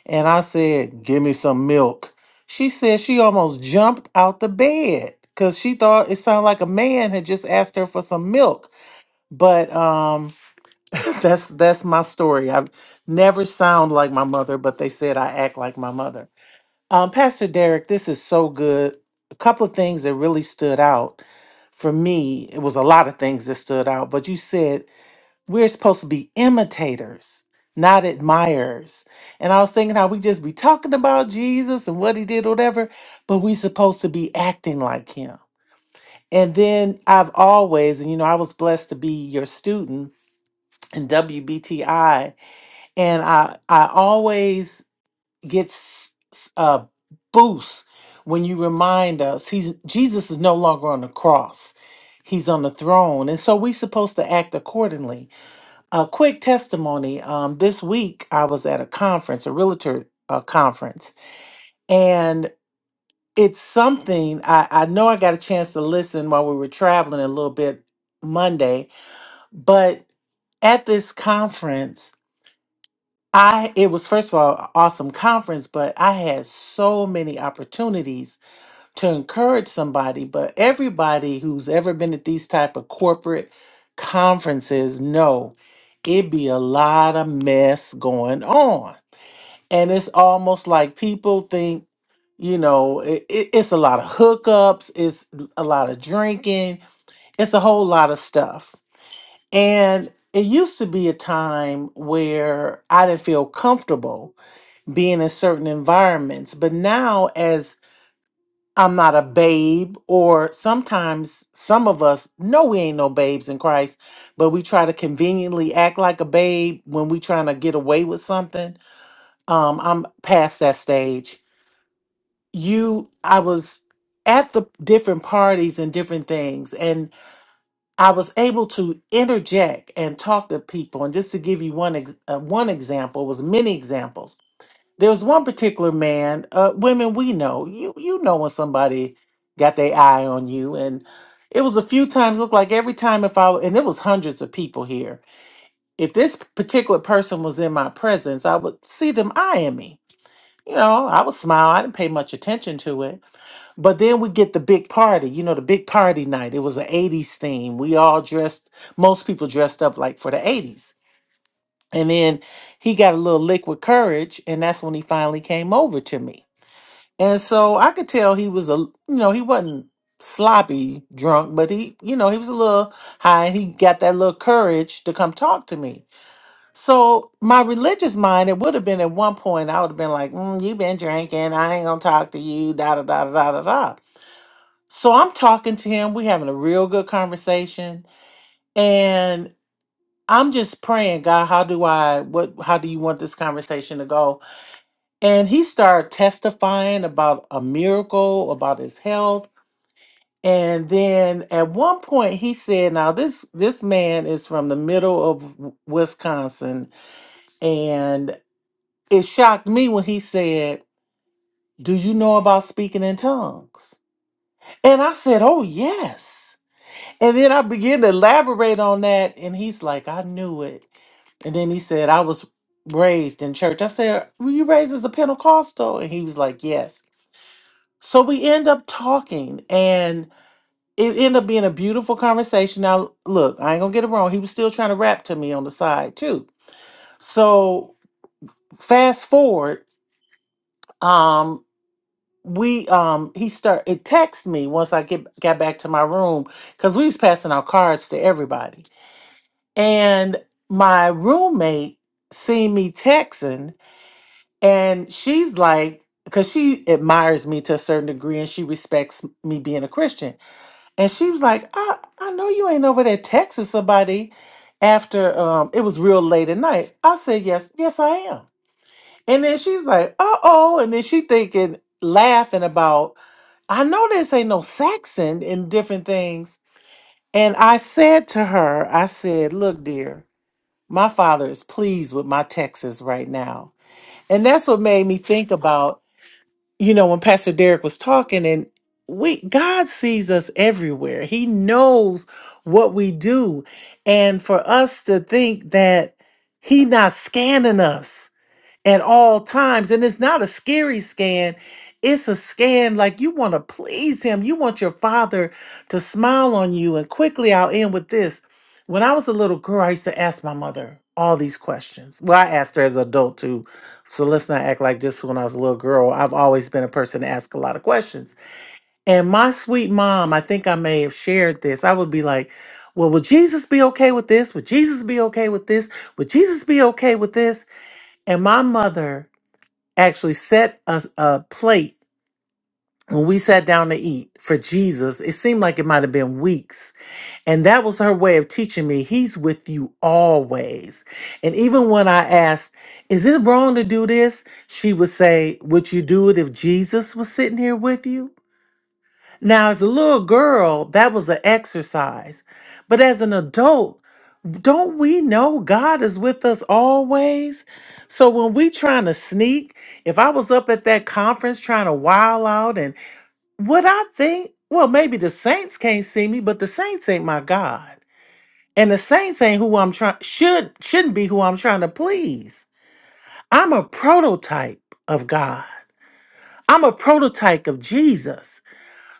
S4: and I said, Give me some milk. She said she almost jumped out the bed because she thought it sounded like a man had just asked her for some milk. But um [laughs] that's that's my story. I've never sound like my mother, but they said I act like my mother. Um, Pastor Derek, this is so good. A couple of things that really stood out for me. It was a lot of things that stood out, but you said we're supposed to be imitators, not admirers. And I was thinking how we just be talking about Jesus and what he did, whatever, but we supposed to be acting like him. And then I've always, and you know, I was blessed to be your student in WBTI, and I I always get s- s- a boost when you remind us he's Jesus is no longer on the cross. He's on the throne. And so we're supposed to act accordingly a quick testimony. Um, this week I was at a conference, a realtor uh, conference, and it's something I, I know I got a chance to listen while we were traveling a little bit Monday, but at this conference, I it was first of all a awesome conference, but I had so many opportunities to encourage somebody but everybody who's ever been at these type of corporate conferences know it be a lot of mess going on and it's almost like people think you know it, it, it's a lot of hookups it's a lot of drinking it's a whole lot of stuff and it used to be a time where i didn't feel comfortable being in certain environments but now as I'm not a babe, or sometimes some of us know we ain't no babes in Christ, but we try to conveniently act like a babe when we trying to get away with something. Um, I'm past that stage. You, I was at the different parties and different things, and I was able to interject and talk to people. And just to give you one ex- uh, one example, it was many examples there was one particular man, uh, women we know, you you know when somebody got their eye on you, and it was a few times. Looked like every time if I w- and it was hundreds of people here. If this particular person was in my presence, I would see them eyeing me. You know, I would smile. I didn't pay much attention to it. But then we get the big party. You know, the big party night. It was an '80s theme. We all dressed. Most people dressed up like for the '80s. And then he got a little liquid courage, and that's when he finally came over to me and so I could tell he was a, you know, he wasn't sloppy drunk, but he, you know, he was a little high and he got that little courage to come talk to me. So my religious mind, it would have been at one point, I would have been like, mm, you been drinking. I ain't going to talk to you, da, da, da, da, da, da, da. So I'm talking to him. we having a real good conversation. And I'm just praying, God, how do I, what, how do you want this conversation to go? And he started testifying about a miracle, about his health And then at one point he said, now this this man is from the middle of W- Wisconsin and it shocked me when he said, "Do you know about speaking in tongues?" And I said, "Oh, yes." And then I began to elaborate on that and he's like, "I knew it." And then he said, "I was raised in church." I said, "Were you raised as a Pentecostal?" And he was like, "Yes." So we end up talking it ended up being a beautiful conversation. Now, look, I ain't gonna get it wrong. He was still trying to rap to me on the side too. So fast forward, um, we um he start it texted me once I get got back to my room because we was passing our cards to everybody. And my roommate seen me texting and she's like, because she admires me to a certain degree and she respects me being a Christian. And she was like, I, I know you ain't over there texting somebody after um it was real late at night. I said, Yes, yes, I am. And then she's like, uh oh. And then she thinking, laughing about, I know this ain't no Saxon and different things. And I said to her, I said, Look, dear, my father is pleased with my texts right now. And that's what made me think about you know, when Pastor Derek was talking and we God sees us everywhere. He knows what we do. And for us to think that he not scanning us at all times. And it's not a scary scan, it's a scan like you want to please Him. You want your Father to smile on you. And quickly, I'll end with this. When I was a little girl, I used to ask my mother all these questions. Well, I asked her as an adult too. So let's not act like this when I was a little girl. I've always been a person to ask a lot of questions. And my sweet mom, I think I may have shared this. I would be like, well, would Jesus be okay with this? Would Jesus be okay with this? Would Jesus be okay with this? And my mother actually set us a plate when we sat down to eat for Jesus. It seemed like it might have been weeks. And that was her way of teaching me, He's with you always. And even when I asked, Is it wrong to do this? She would say, Would you do it if Jesus was sitting here with you? Now, as a little girl, that was an exercise. But as an adult, don't we know God is with us always? So when we trying to sneak, if I was up at that conference trying to wild out and what I think, well, maybe the saints can't see me, but the saints ain't my God. And the saints ain't who I'm trying should shouldn't be who I'm trying to please. I'm a prototype of God. I'm a prototype of Jesus.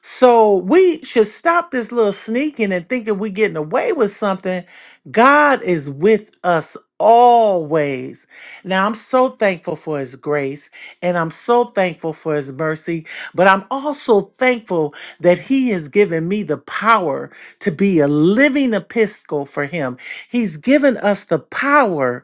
S4: So we should stop this little sneaking and thinking we're getting away with something. God is with us always. Now, I'm so thankful for His grace and I'm so thankful for His mercy, but I'm also thankful that He has given me the power to be a living epistle for Him. He's given us the power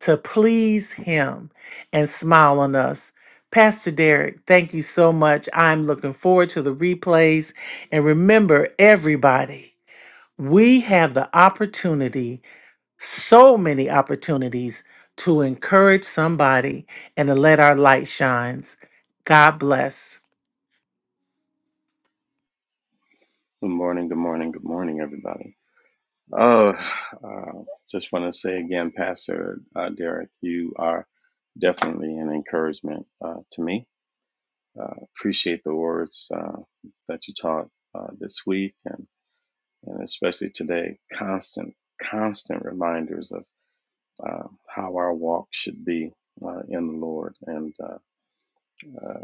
S4: to please Him and smile on us. Pastor Derek, thank you so much. I'm looking forward to the replays. And remember, everybody, we have the opportunity, so many opportunities, to encourage somebody and to let our light shines. God bless.
S5: Good morning. Good morning. Good morning, everybody. Oh, uh, just want to say again, Pastor uh, Derek, you are definitely an encouragement uh, to me. Uh, appreciate the words uh, that you taught uh, this week and, and especially today. Constant, constant reminders of uh, how our walk should be uh, in the Lord. And uh, uh,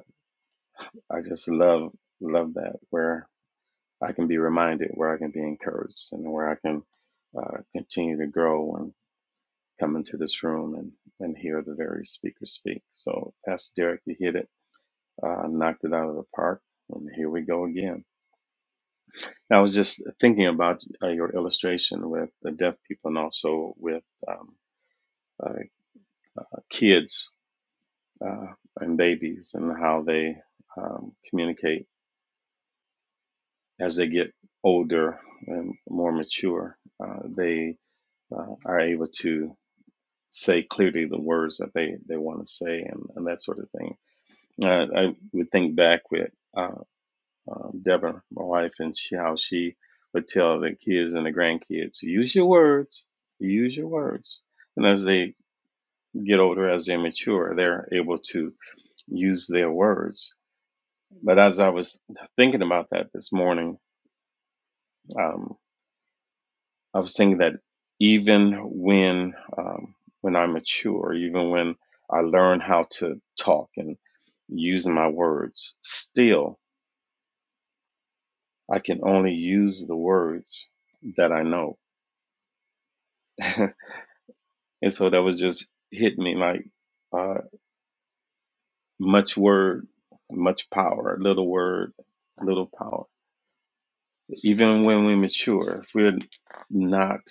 S5: I just love, love that. Where. I can be reminded, where I can be encouraged, and where I can uh, continue to grow and come into this room and, and hear the various speakers speak. So, Pastor Derek, you hit it, uh, knocked it out of the park, and here we go again. I was just thinking about uh, your illustration with the deaf people and also with um, uh, kids uh, and babies and how they um, communicate as they get older and more mature. Uh, they uh, are able to say clearly the words that they, they want to say and, and that sort of thing. Uh, I would think back with uh, uh, Deborah, my wife, and she, how she would tell the kids and the grandkids, use your words, use your words. And as they get older, as they mature, they're able to use their words. But as I was thinking about that this morning, um, I was thinking that even when um, when I mature, even when I learn how to talk and use my words, still I can only use the words that I know. [laughs] and so that was just hitting me like uh, much word, much power, little word, little power. Even when we mature, if we're not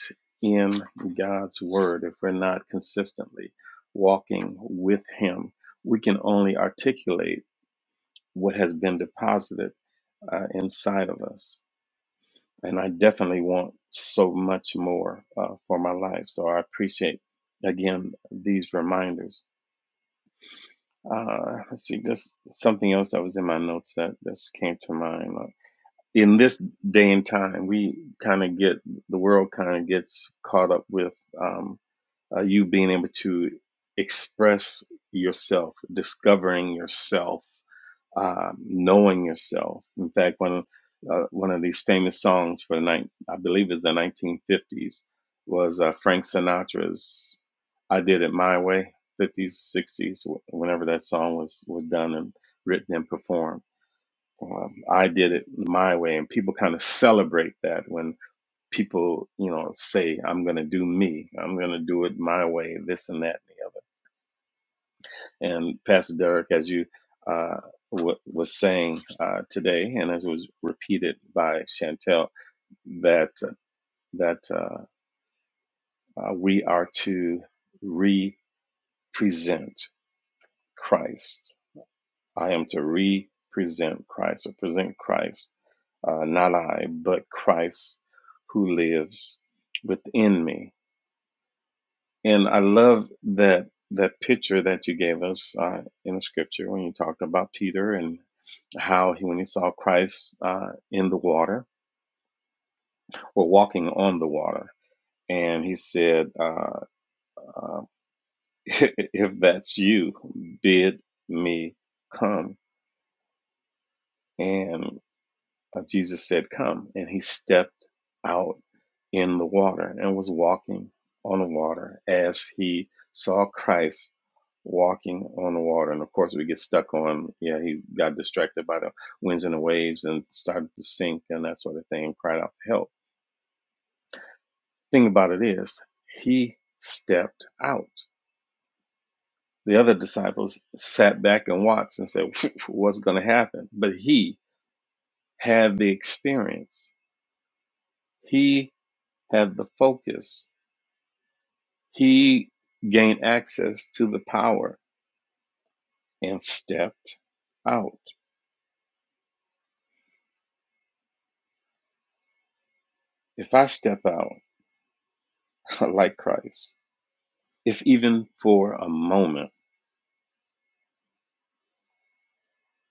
S5: in God's word, if we're not consistently walking with Him, we can only articulate what has been deposited uh, inside of us. And I definitely want so much more uh, for my life. So I appreciate, again, these reminders. Uh, let's see, just something else that was in my notes that just came to mind. in this day and time, we kind of get the world kind of gets caught up with um, uh, you being able to express yourself, discovering yourself, uh, knowing yourself. In fact, one of uh, one of these famous songs for the night, I believe it's the 1950s, was uh, Frank Sinatra's "I Did It My Way." 50s, 60s, whenever that song was was done and written and performed um, I did it my way, and people kind of celebrate that when people, you know, say, "I'm going to do me, I'm going to do it my way," this and that and the other. And Pastor Derek, as you uh, w- was saying uh, today, and as was repeated by Chantel, that that uh, uh, we are to re-present Christ. I am to re-present Christ or present Christ uh, not I, but Christ who lives within me. And I love that that picture that you gave us uh, in the scripture when you talked about Peter and how he, when he saw Christ uh, in the water or walking on the water, and he said, uh, uh, [laughs] "If that's you, bid me come." And uh, Jesus said, Come. And he stepped out in the water and was walking on the water as he saw Christ walking on the water. And of course, we get stuck on, yeah, he got distracted by the winds and the waves and started to sink and that sort of thing and cried out for help. Thing about it is, he stepped out. The other disciples sat back and watched and said, What's going to happen? But he had the experience, he had the focus He gained access to the power and stepped out. If I step out [laughs] like Christ, if even for a moment,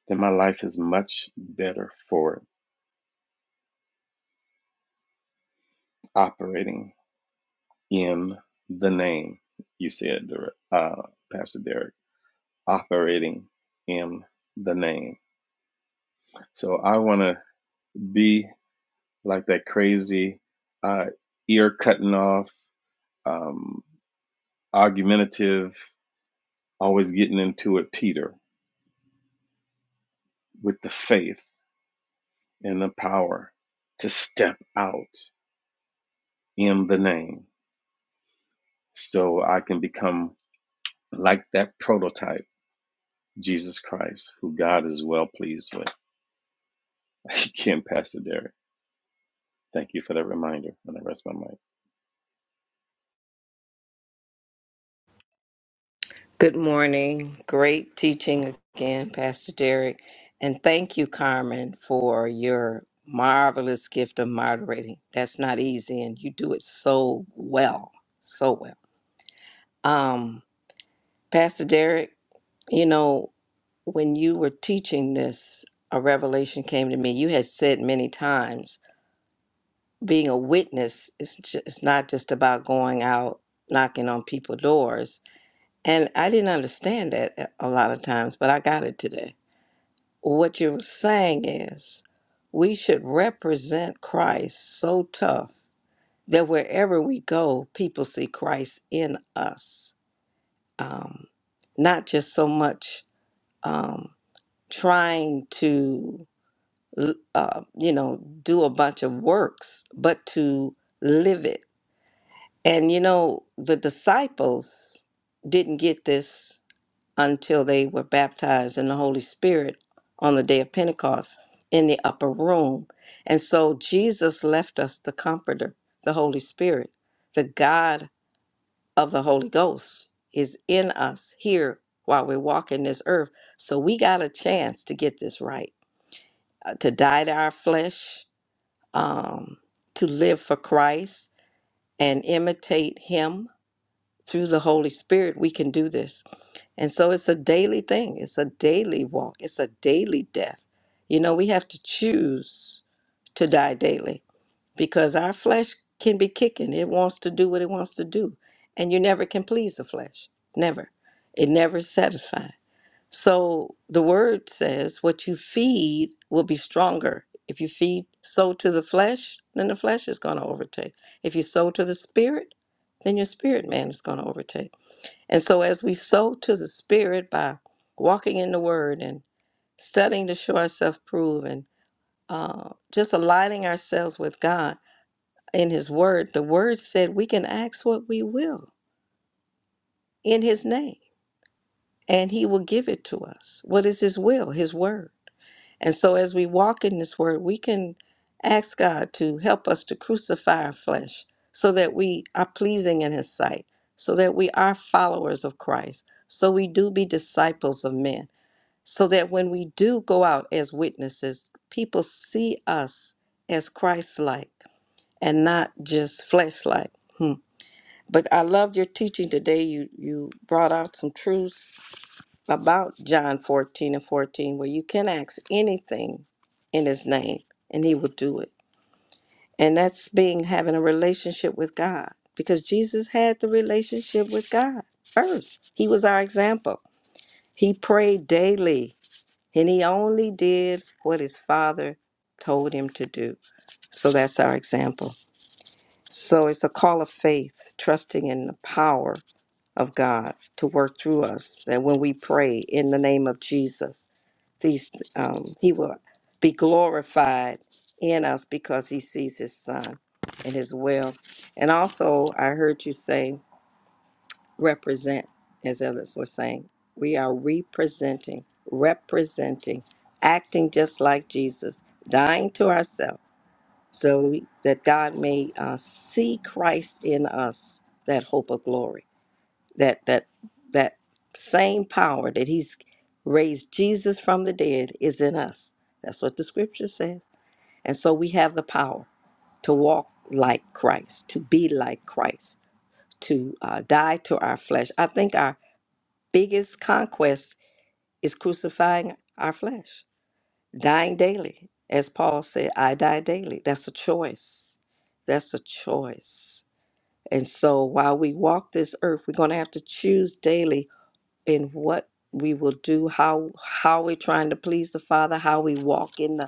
S5: then my life is much better for it. Operating in the name, you said, uh, Pastor Derek, operating in the name. So I want to be like that crazy, uh, ear cutting off, um, argumentative always getting into it, Peter, with the faith and the power to step out in the name so I can become like that prototype, Jesus Christ, who God is well pleased with. [laughs] Again, Pastor Derek, thank you for that reminder. And I rest my mind.
S2: Good morning. Great teaching again, Pastor Derek. And thank you, Carmen, for your marvelous gift of moderating. That's not easy, and you do it so well. So well. Um, Pastor Derek, you know, when you were teaching this, a revelation came to me. You had said many times being a witness is just, it's not just about going out knocking on people's doors, And I didn't understand that a a lot of times, but I got it today. What you're saying is we should represent Christ so tough that wherever we go, people see Christ in us. Um, not just so much um, trying to, l- uh, you know, do a bunch of works, but to live it. And, you know, the disciples didn't get this until they were baptized in the Holy Spirit on the day of Pentecost in the upper room. And so Jesus left us the Comforter, the Holy Spirit, the God of the Holy Ghost is in us here while we're walking this earth. So we got a chance to get this right, uh, to die to our flesh, um, to live for Christ and imitate Him through the Holy Spirit. We can do this. And so it's a daily thing. It's a daily walk. It's a daily death. You know, we have to choose to die daily because our flesh can be kicking. It wants to do what it wants to do. And you never can please the flesh. Never. It never is satisfied. So the word says what you feed will be stronger. If you feed so to the flesh, then the flesh is going to overtake. If you sow to the spirit, then your spirit man is going to overtake. And so, as we sow to the Spirit by walking in the Word and studying to show ourselves approved and uh, just aligning ourselves with God in His Word, the Word said we can ask what we will in His name and He will give it to us. What is His will? His Word. And so, as we walk in this Word, we can ask God to help us to crucify our flesh so that we are pleasing in His sight, so that we are followers of Christ, so we do be disciples of men so that when we do go out as witnesses, people see us as Christ like and not just flesh like. Hmm. But I loved your teaching today. You you brought out some truths about John 14 and 14, where you can ask anything in his name and he will do it. And that's being having a relationship with God because Jesus had the relationship with God first. He was our example. He prayed daily and he only did what his father told him to do. So that's our example. So it's a call of faith, trusting in the power of God to work through us. That when we pray in the name of Jesus, these um, He will be glorified in us because He sees His Son and His will. And also, I heard you say represent, as others were saying. We are representing, representing, acting just like Jesus, dying to ourselves so we, that God may uh, see Christ in us, that hope of glory, that that that same power that He's raised Jesus from the dead is in us. That's what the Scripture says, and so we have the power to walk like Christ, to be like Christ, to uh, die to our flesh. I think our biggest conquest is crucifying our flesh, dying daily. As Paul said, I die daily. That's a choice. That's a choice. And so while we walk this earth, we're going to have to choose daily in what we will do, how how we're trying to please the Father, how we walk in the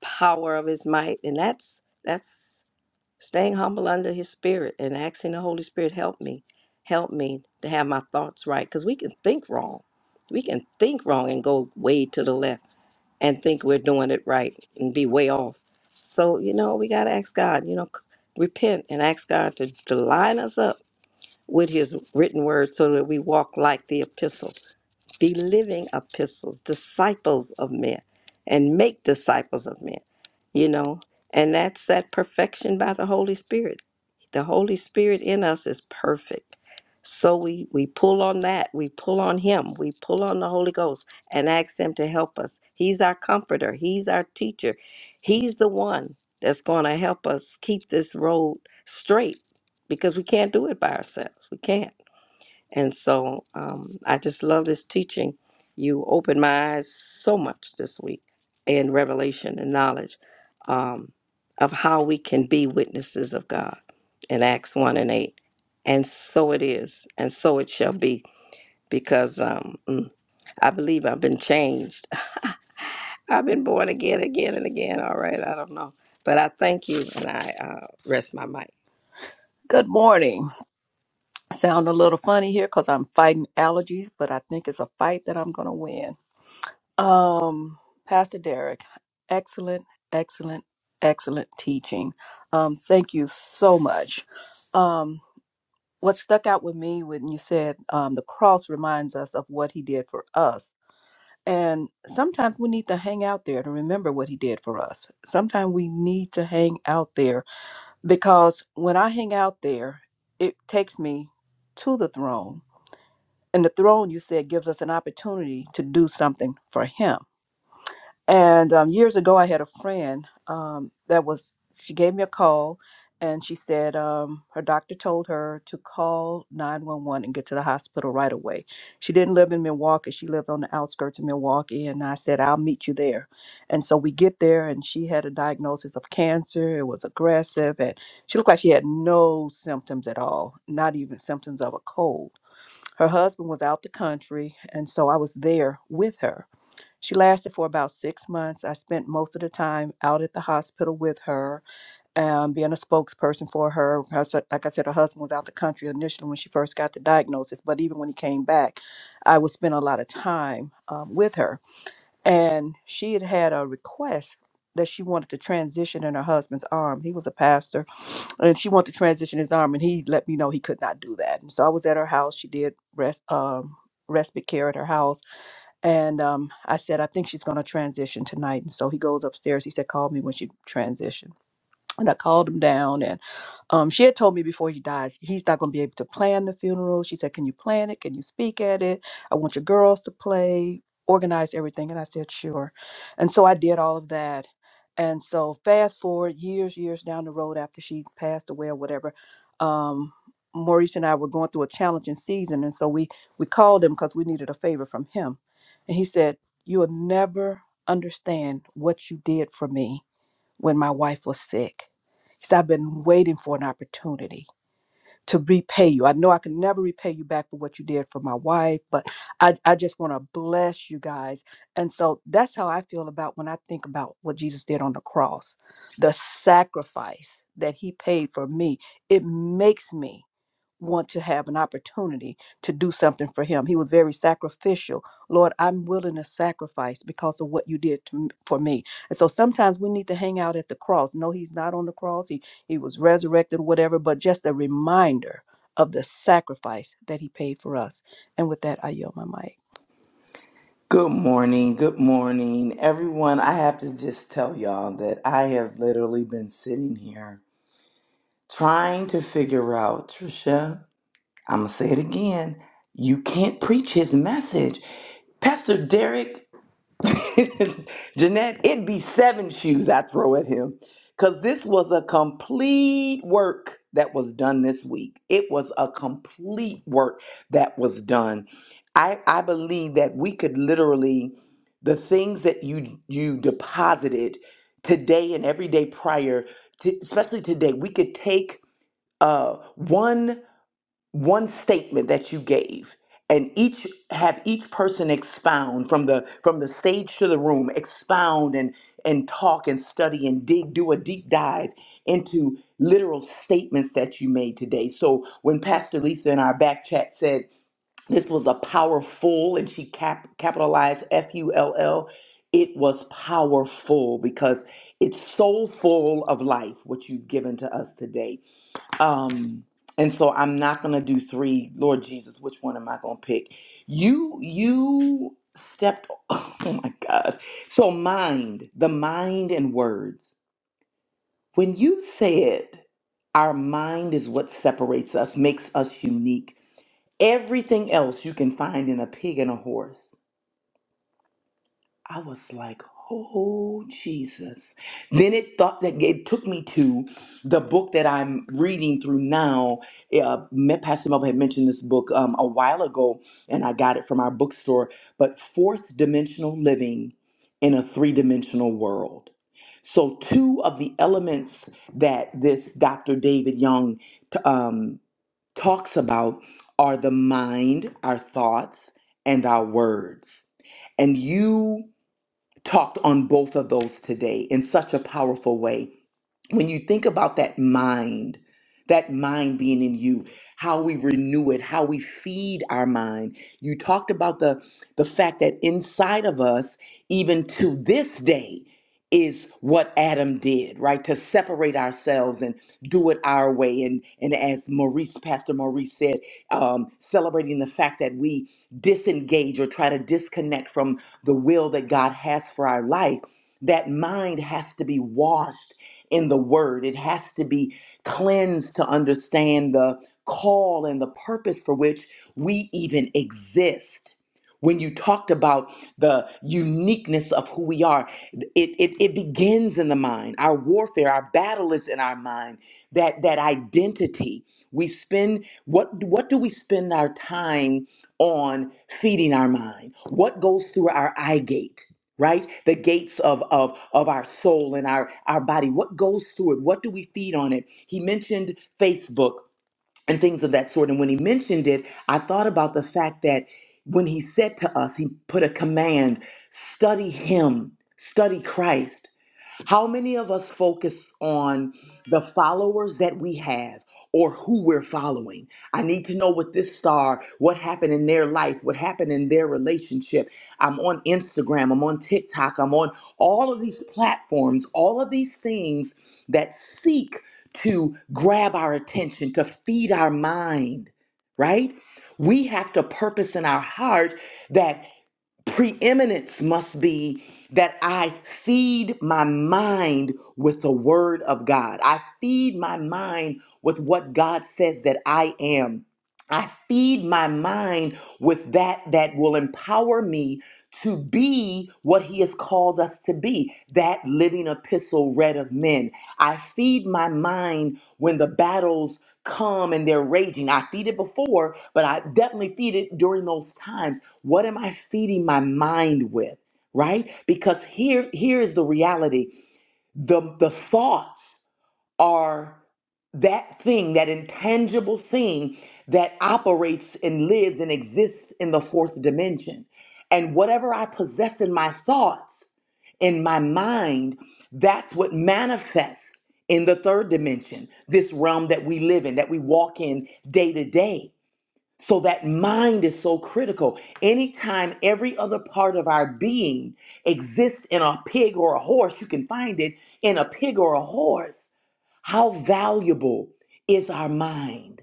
S2: power of his might. And that's that's Staying humble under his spirit and asking the Holy Spirit, help me, help me to have my thoughts right. Because we can think wrong. We can think wrong and go way to the left and think we're doing it right and be way off. So, you know, we got to ask God, you know, c- repent and ask God to, to line us up with his written word so that we walk like the epistle be living epistles, disciples of men, and make disciples of men, you know? And that's that perfection by the Holy Spirit. The Holy Spirit in us is perfect. So we, we pull on that. We pull on Him. We pull on the Holy Ghost and ask Him to help us. He's our comforter, He's our teacher. He's the one that's going to help us keep this road straight because we can't do it by ourselves. We can't. And so um, I just love this teaching. You opened my eyes so much this week in revelation and knowledge um, of how we can be witnesses of God in Acts 1 and 8. And so it is, and so it shall be, because um, mm, I believe I've been changed. [laughs] I've been born again, again, and again. All right, I don't know. But I thank you, and I uh, rest my mic.
S7: Good morning. Sound a little funny here because I'm fighting allergies, but I think it's a fight that I'm going to win. Um, Pastor Derek, excellent, excellent, excellent teaching. Um, thank you so much. Um, what stuck out with me when you said um, the cross reminds us of what he did for us. And sometimes we need to hang out there to remember what he did for us. Sometimes we need to hang out there because when I hang out there, it takes me to the throne. And the throne, you said, gives us an opportunity to do something for Him. And um, years ago, I had a friend um, that was, she gave me a call and she said um, her doctor told her to call 911 and get to the hospital right away. She didn't live in Milwaukee, she lived on the outskirts of Milwaukee. And I said, I'll meet you there. And so we get there, and she had a diagnosis of cancer. It was aggressive, and she looked like she had no symptoms at all, not even symptoms of a cold. Her husband was out the country, and so I was there with her she lasted for about six months. I spent most of the time out at the hospital with her, um, being a spokesperson for her. Her Like I said, her husband was out the country initially when she first got the diagnosis, but even when he came back, I would spend a lot of time um, with her. And she had had a request that she wanted to transition in her husband's arm. He was a pastor, and she wanted to transition his arm, and he let me know he could not do that. And so I was at her house. She did rest um, respite care at her house and um, I said, I think she's going to transition tonight. And so he goes upstairs. He said, call me when she transitioned. And I called him down. and. Um, she had told me before he died, he's not going to be able to plan the funeral. She said, Can you plan it? Can you speak at it? I want your girls to play, organize everything. And I said, Sure. And so I did all of that. And so, fast forward years, years down the road after she passed away or whatever, um, Maurice and I were going through a challenging season. And so, we, we called him because we needed a favor from him. And he said, You'll never understand what you did for me when my wife was sick. He said, I've been waiting for an opportunity to repay you. I know I can never repay you back for what you did for my wife, but I, I just want to bless you guys. And so that's how I feel about when I think about what Jesus did on the cross, the sacrifice that he paid for me. It makes me want to have an opportunity to do something for him. He was very sacrificial. Lord, I'm willing to sacrifice because of what you did to, m- for me. And so sometimes we need to hang out at the cross. No, he's not on the cross. He he was resurrected, whatever, but just a reminder of the sacrifice that he paid for us. And with that, I yield my mic.
S3: Good morning, good morning, everyone. I have to just tell y'all that I have literally been sitting here trying to figure out, Trisha, I'm gonna say it again. You can't preach his message. Pastor Derek [laughs] Jeanette, it'd be seven shoes I throw at him. Because this was a complete work that was done this week. It was a complete work that was done. I, I believe that we could literally, the things that you you deposited today and every day prior, to, especially today, we could take uh, one one statement that you gave and each have each person expound from the from the stage to the room expound and and talk and study and dig do a deep dive into literal statements that you made today so when pastor lisa in our back chat said this was a powerful and she cap, capitalized f-u-l-l it was powerful because it's so full of life what you've given to us today um and so i'm not gonna do three lord jesus which one am i gonna pick you you stepped [laughs] oh my god so mind the mind and words when you said our mind is what separates us makes us unique everything else you can find in a pig and a horse I was like, oh Jesus. Then it thought that it took me to the book that I'm reading through now. Uh, me- Pastor Melvin had mentioned this book um, a while ago, and I got it from our bookstore. But Fourth Dimensional Living in a Three Dimensional World. So, two of the elements that this Dr. David Young t- um, talks about are the mind, our thoughts, and our words. And you talked on both of those today in such a powerful way when you think about that mind, that mind being in you, how we renew it, how we feed our mind. You talked about the the fact that inside of us, even to this day, is what Adam did, right? To separate ourselves and do it our way. And and as Maurice, Pastor Maurice said, um, celebrating the fact that we disengage or try to disconnect from the will that God has for our life. That mind has to be washed in the word. It has to be cleansed to understand the call and the purpose for which we even exist. When you talked about the uniqueness of who we are, it, it, it begins in the mind. Our warfare, our battle is in our mind. That that identity. We spend what what do we spend our time on feeding our mind? What goes through our eye gate? right the gates of of of our soul and our our body what goes through it what do we feed on it he mentioned facebook and things of that sort and when he mentioned it i thought about the fact that when he said to us he put a command study him study christ how many of us focus on the followers that we have or who we're following? I need to know what this star, what happened in their life, what happened in their relationship. I'm on Instagram, I'm on TikTok, I'm on all of these platforms, all of these things that seek to grab our attention, to feed our mind, right? We have to purpose in our heart that preeminence must be that I feed my mind with the word of God. I feed my mind with what God says that I am. I feed my mind with that that will empower me to be what he has called us to be that living epistle read of men i feed my mind when the battles come and they're raging i feed it before but i definitely feed it during those times what am i feeding my mind with right because here here is the reality the the thoughts are that thing, that intangible thing that operates and lives and exists in the fourth dimension. And whatever I possess in my thoughts, in my mind, that's what manifests in the third dimension, this realm that we live in, that we walk in day to day. So that mind is so critical. Anytime every other part of our being exists in a pig or a horse, you can find it in a pig or a horse how valuable is our mind?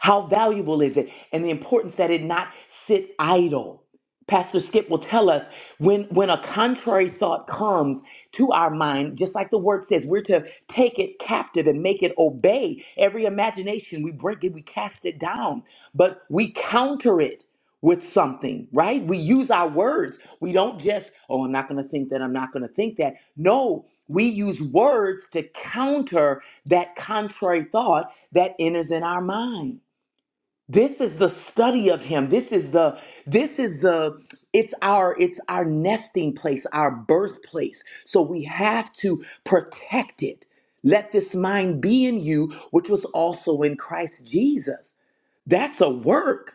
S3: How valuable is it? And the importance that it not sit idle. Pastor Skip will tell us when, when a contrary thought comes to our mind, just like the word says, we're to take it captive and make it obey every imagination. We break it, we cast it down, but we counter it with something, right? We use our words. We don't just, oh, I'm not going to think that, I'm not going to think that. No, we use words to counter that contrary thought that enters in our mind this is the study of him this is the this is the it's our it's our nesting place our birthplace so we have to protect it let this mind be in you which was also in christ jesus that's a work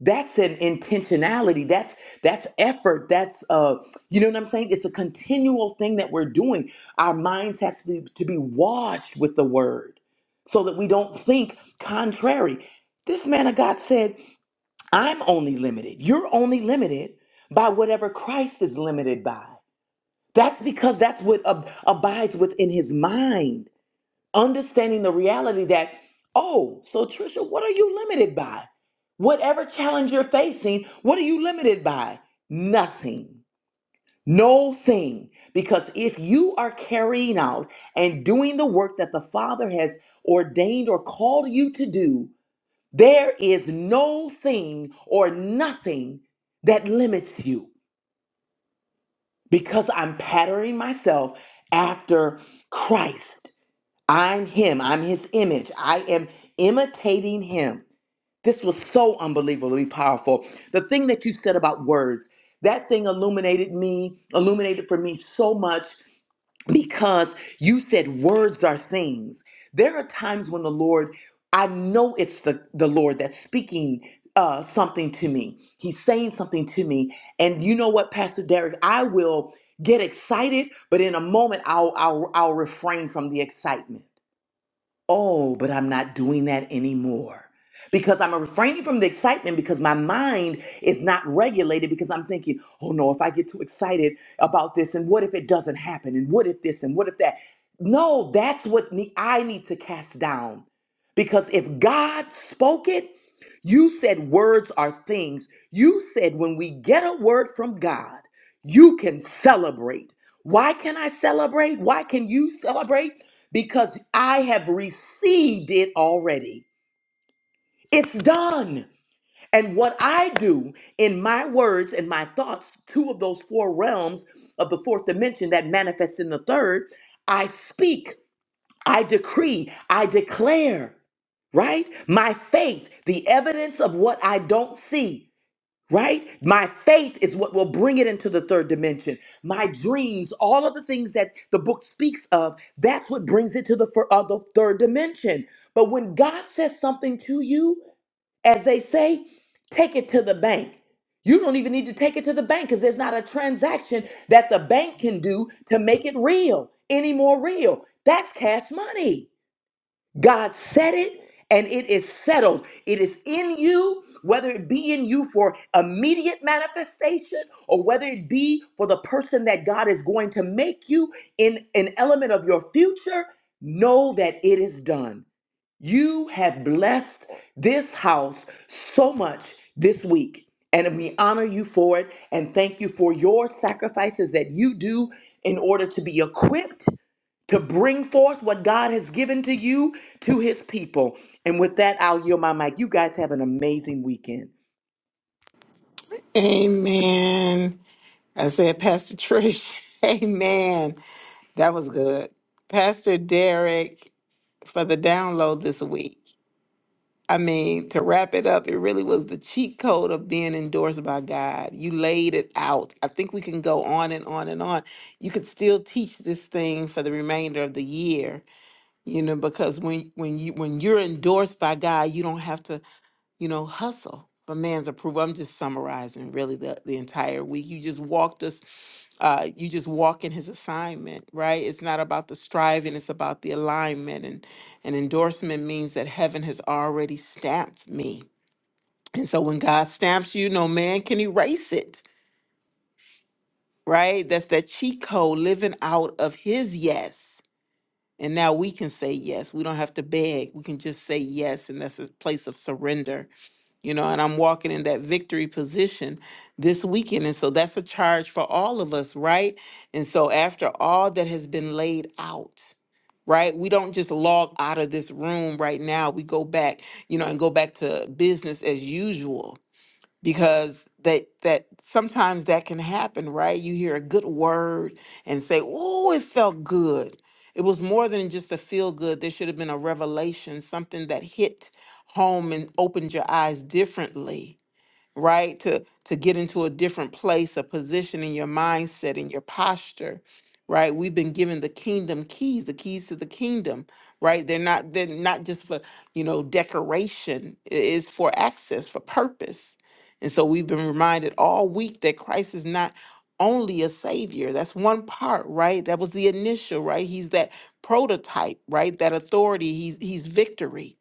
S3: that's an intentionality that's that's effort that's uh you know what i'm saying it's a continual thing that we're doing our minds has to be, to be washed with the word so that we don't think contrary this man of god said i'm only limited you're only limited by whatever christ is limited by that's because that's what ab- abides within his mind understanding the reality that, oh, so Trisha, what are you limited by? Whatever challenge you're facing, what are you limited by? Nothing. No thing. Because if you are carrying out and doing the work that the Father has ordained or called you to do, there is no thing or nothing that limits you. Because I'm patterning myself after Christ. I'm him. I'm his image. I am imitating him. This was so unbelievably powerful. The thing that you said about words, that thing illuminated me, illuminated for me so much because you said words are things. There are times when the Lord, I know it's the, the Lord that's speaking uh, something to me. He's saying something to me. And you know what, Pastor Derek, I will get excited, but in a moment I'll I'll I'll refrain from the excitement Oh, but I'm not doing that anymore. Because I'm refraining from the excitement because my mind is not regulated because I'm thinking, oh no, if I get too excited about this, and what if it doesn't happen? And what if this? And what if that? No, that's what ne- I need to cast down. Because if God spoke it, you said words are things. You said when we get a word from God, you can celebrate. Why can I celebrate? Why can you celebrate? because I have received it already. It's done. And what I do in my words and my thoughts, two of those four realms of the fourth dimension that manifest in the third, I speak, I decree, I declare, right? My faith, the evidence of what I don't see, right? My faith is what will bring it into the third dimension. My dreams, all of the things that the book speaks of, that's what brings it to the, fir- uh, the third dimension. But when God says something to you, as they say, take it to the bank. You don't even need to take it to the bank because there's not a transaction that the bank can do to make it real, any more real. That's cash money. God said it and it is settled. It is in you, whether it be in you for immediate manifestation or whether it be for the person that God is going to make you in an element of your future. Know that it is done. You have blessed this house so much this week, and we honor you for it and thank you for your sacrifices that you do in order to be equipped to bring forth what God has given to you to his people. And with that, I'll yield my mic. You guys have an amazing weekend.
S1: Amen. I said, Pastor Trish, [laughs] amen. That was good. Pastor Derek for the download this week. I mean, to wrap it up, it really was the cheat code of being endorsed by God. You laid it out. I think we can go on and on and on. You could still teach this thing for the remainder of the year, you know, because when when you when you're endorsed by God, you don't have to you know, hustle for man's approval. I'm just summarizing really the, the entire week. You just walked us, uh, you just walk in his assignment, right? It's not about the striving, it's about the alignment. And an endorsement means that heaven has already stamped me. And so when God stamps you, no man can erase it, right? That's that cheat code living out of his yes. And now we can say yes. We don't have to beg. We can just say yes. And that's a place of surrender, you know. And I'm walking in that victory position this weekend. And so that's a charge for all of us, right? And so after all that has been laid out, right? We don't just log out of this room right now. We go back, you know, and go back to business as usual because that that sometimes that can happen, right? You hear a good word and say, "Oh, it felt good." It was more than just a feel good. There should have been a revelation, something that hit home and opened your eyes differently right to to get into a different place a position in your mindset in your posture right we've been given the kingdom keys the keys to the kingdom right they're not they're not just for you know decoration it is for access for purpose and so we've been reminded all week that christ is not only a savior that's one part right that was the initial right he's that prototype right that authority he's he's victory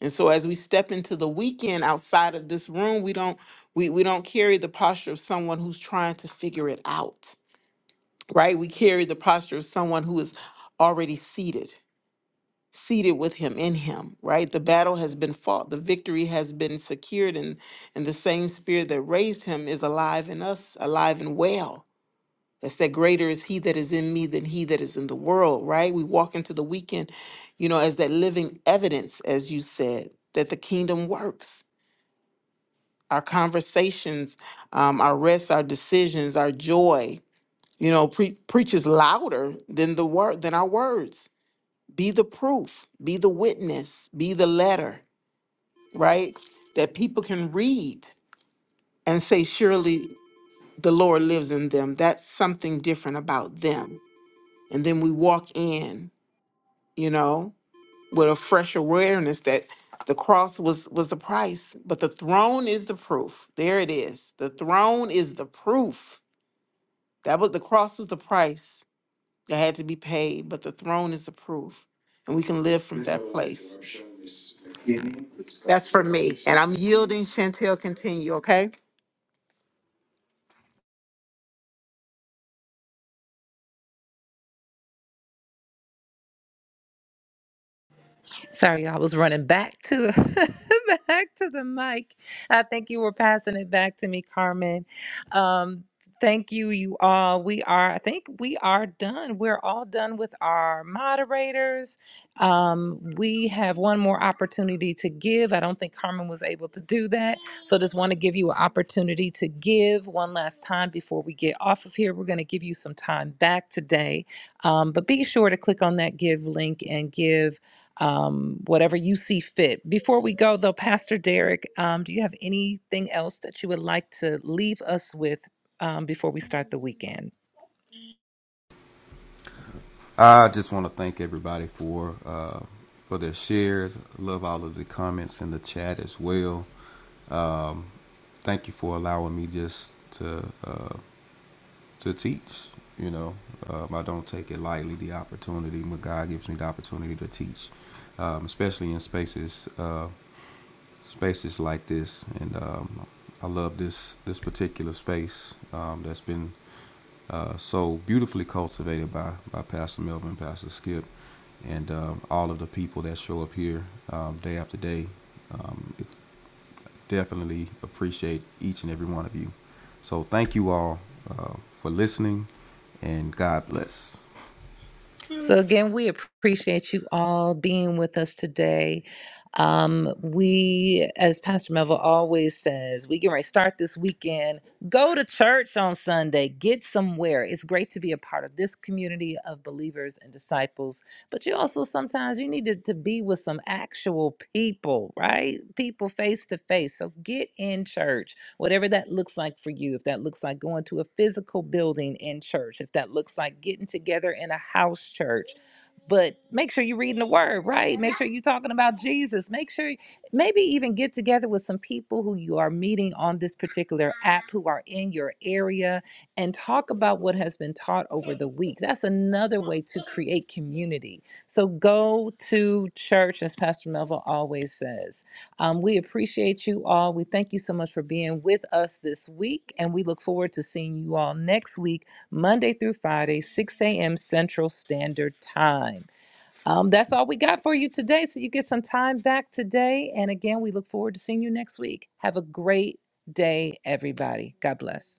S1: and so as we step into the weekend outside of this room, we don't we, we don't carry the posture of someone who's trying to figure it out. Right? We carry the posture of someone who is already seated, seated with him in him, right? The battle has been fought, the victory has been secured, and and the same spirit that raised him is alive in us, alive and well. That's that greater is he that is in me than he that is in the world, right? We walk into the weekend, you know, as that living evidence, as you said, that the kingdom works our conversations, um, our rest, our decisions, our joy. You know, pre- preaches louder than the word than our words. Be the proof. Be the witness. Be the letter. Right, that people can read and say, "Surely the Lord lives in them." That's something different about them. And then we walk in, you know, with a fresh awareness that the cross was was the price, but the throne is the proof. There it is. The throne is the proof That was the cross was the price that had to be paid, but the throne is the proof, and we can live from that place. That's for me, and I'm yielding. Chantel, continue, okay?
S8: Sorry, I was running back to [laughs] back to the mic. I think you were passing it back to me, Carmen. Um, thank you, you all. We are, I think we are done. We're all done with our moderators. Um, we have one more opportunity to give. I don't think Carmen was able to do that. So just want to give you an opportunity to give one last time before we get off of here. We're going to give you some time back today. Um, but be sure to click on that give link and give um, whatever you see fit. Before we go, though, Pastor Derek, um, do you have anything else that you would like to leave us with um, before we start the weekend?
S6: I just want to thank everybody for uh, for their shares. I Love all of the comments in the chat as well. Um, thank you for allowing me just to uh, to teach. You know, um, I don't take it lightly the opportunity when God gives me the opportunity to teach, um, especially in spaces uh, spaces like this. And um, I love this this particular space um, that's been uh, so beautifully cultivated by by Pastor Melvin, Pastor Skip, and um, all of the people that show up here um, day after day. Um, it definitely appreciate each and every one of you. So thank you all uh, for listening, and God bless.
S8: So, again, we appreciate you all being with us today. Um, we, as Pastor Melville always says, we can start this weekend. Go to church on Sunday, get somewhere. It's great to be a part of this community of believers and disciples, but you also sometimes you need to, to be with some actual people, right? People face to face. So, get in church whatever that looks like for you, if that looks like going to a physical building in church, if that looks like getting together in a house church. But make sure you're reading the word, right? Make sure you're talking about Jesus. Make sure, maybe even get together with some people who you are meeting on this particular app who are in your area and talk about what has been taught over the week. That's another way to create community. So go to church, as Pastor Melville always says um, we appreciate you all. We thank you so much for being with us this week, and we look forward to seeing you all next week, Monday through Friday, 6 a.m. Central Standard Time. Um, that's all we got for you today. So you get some time back today. And again, we look forward to seeing you next week. Have a great day, everybody. God bless.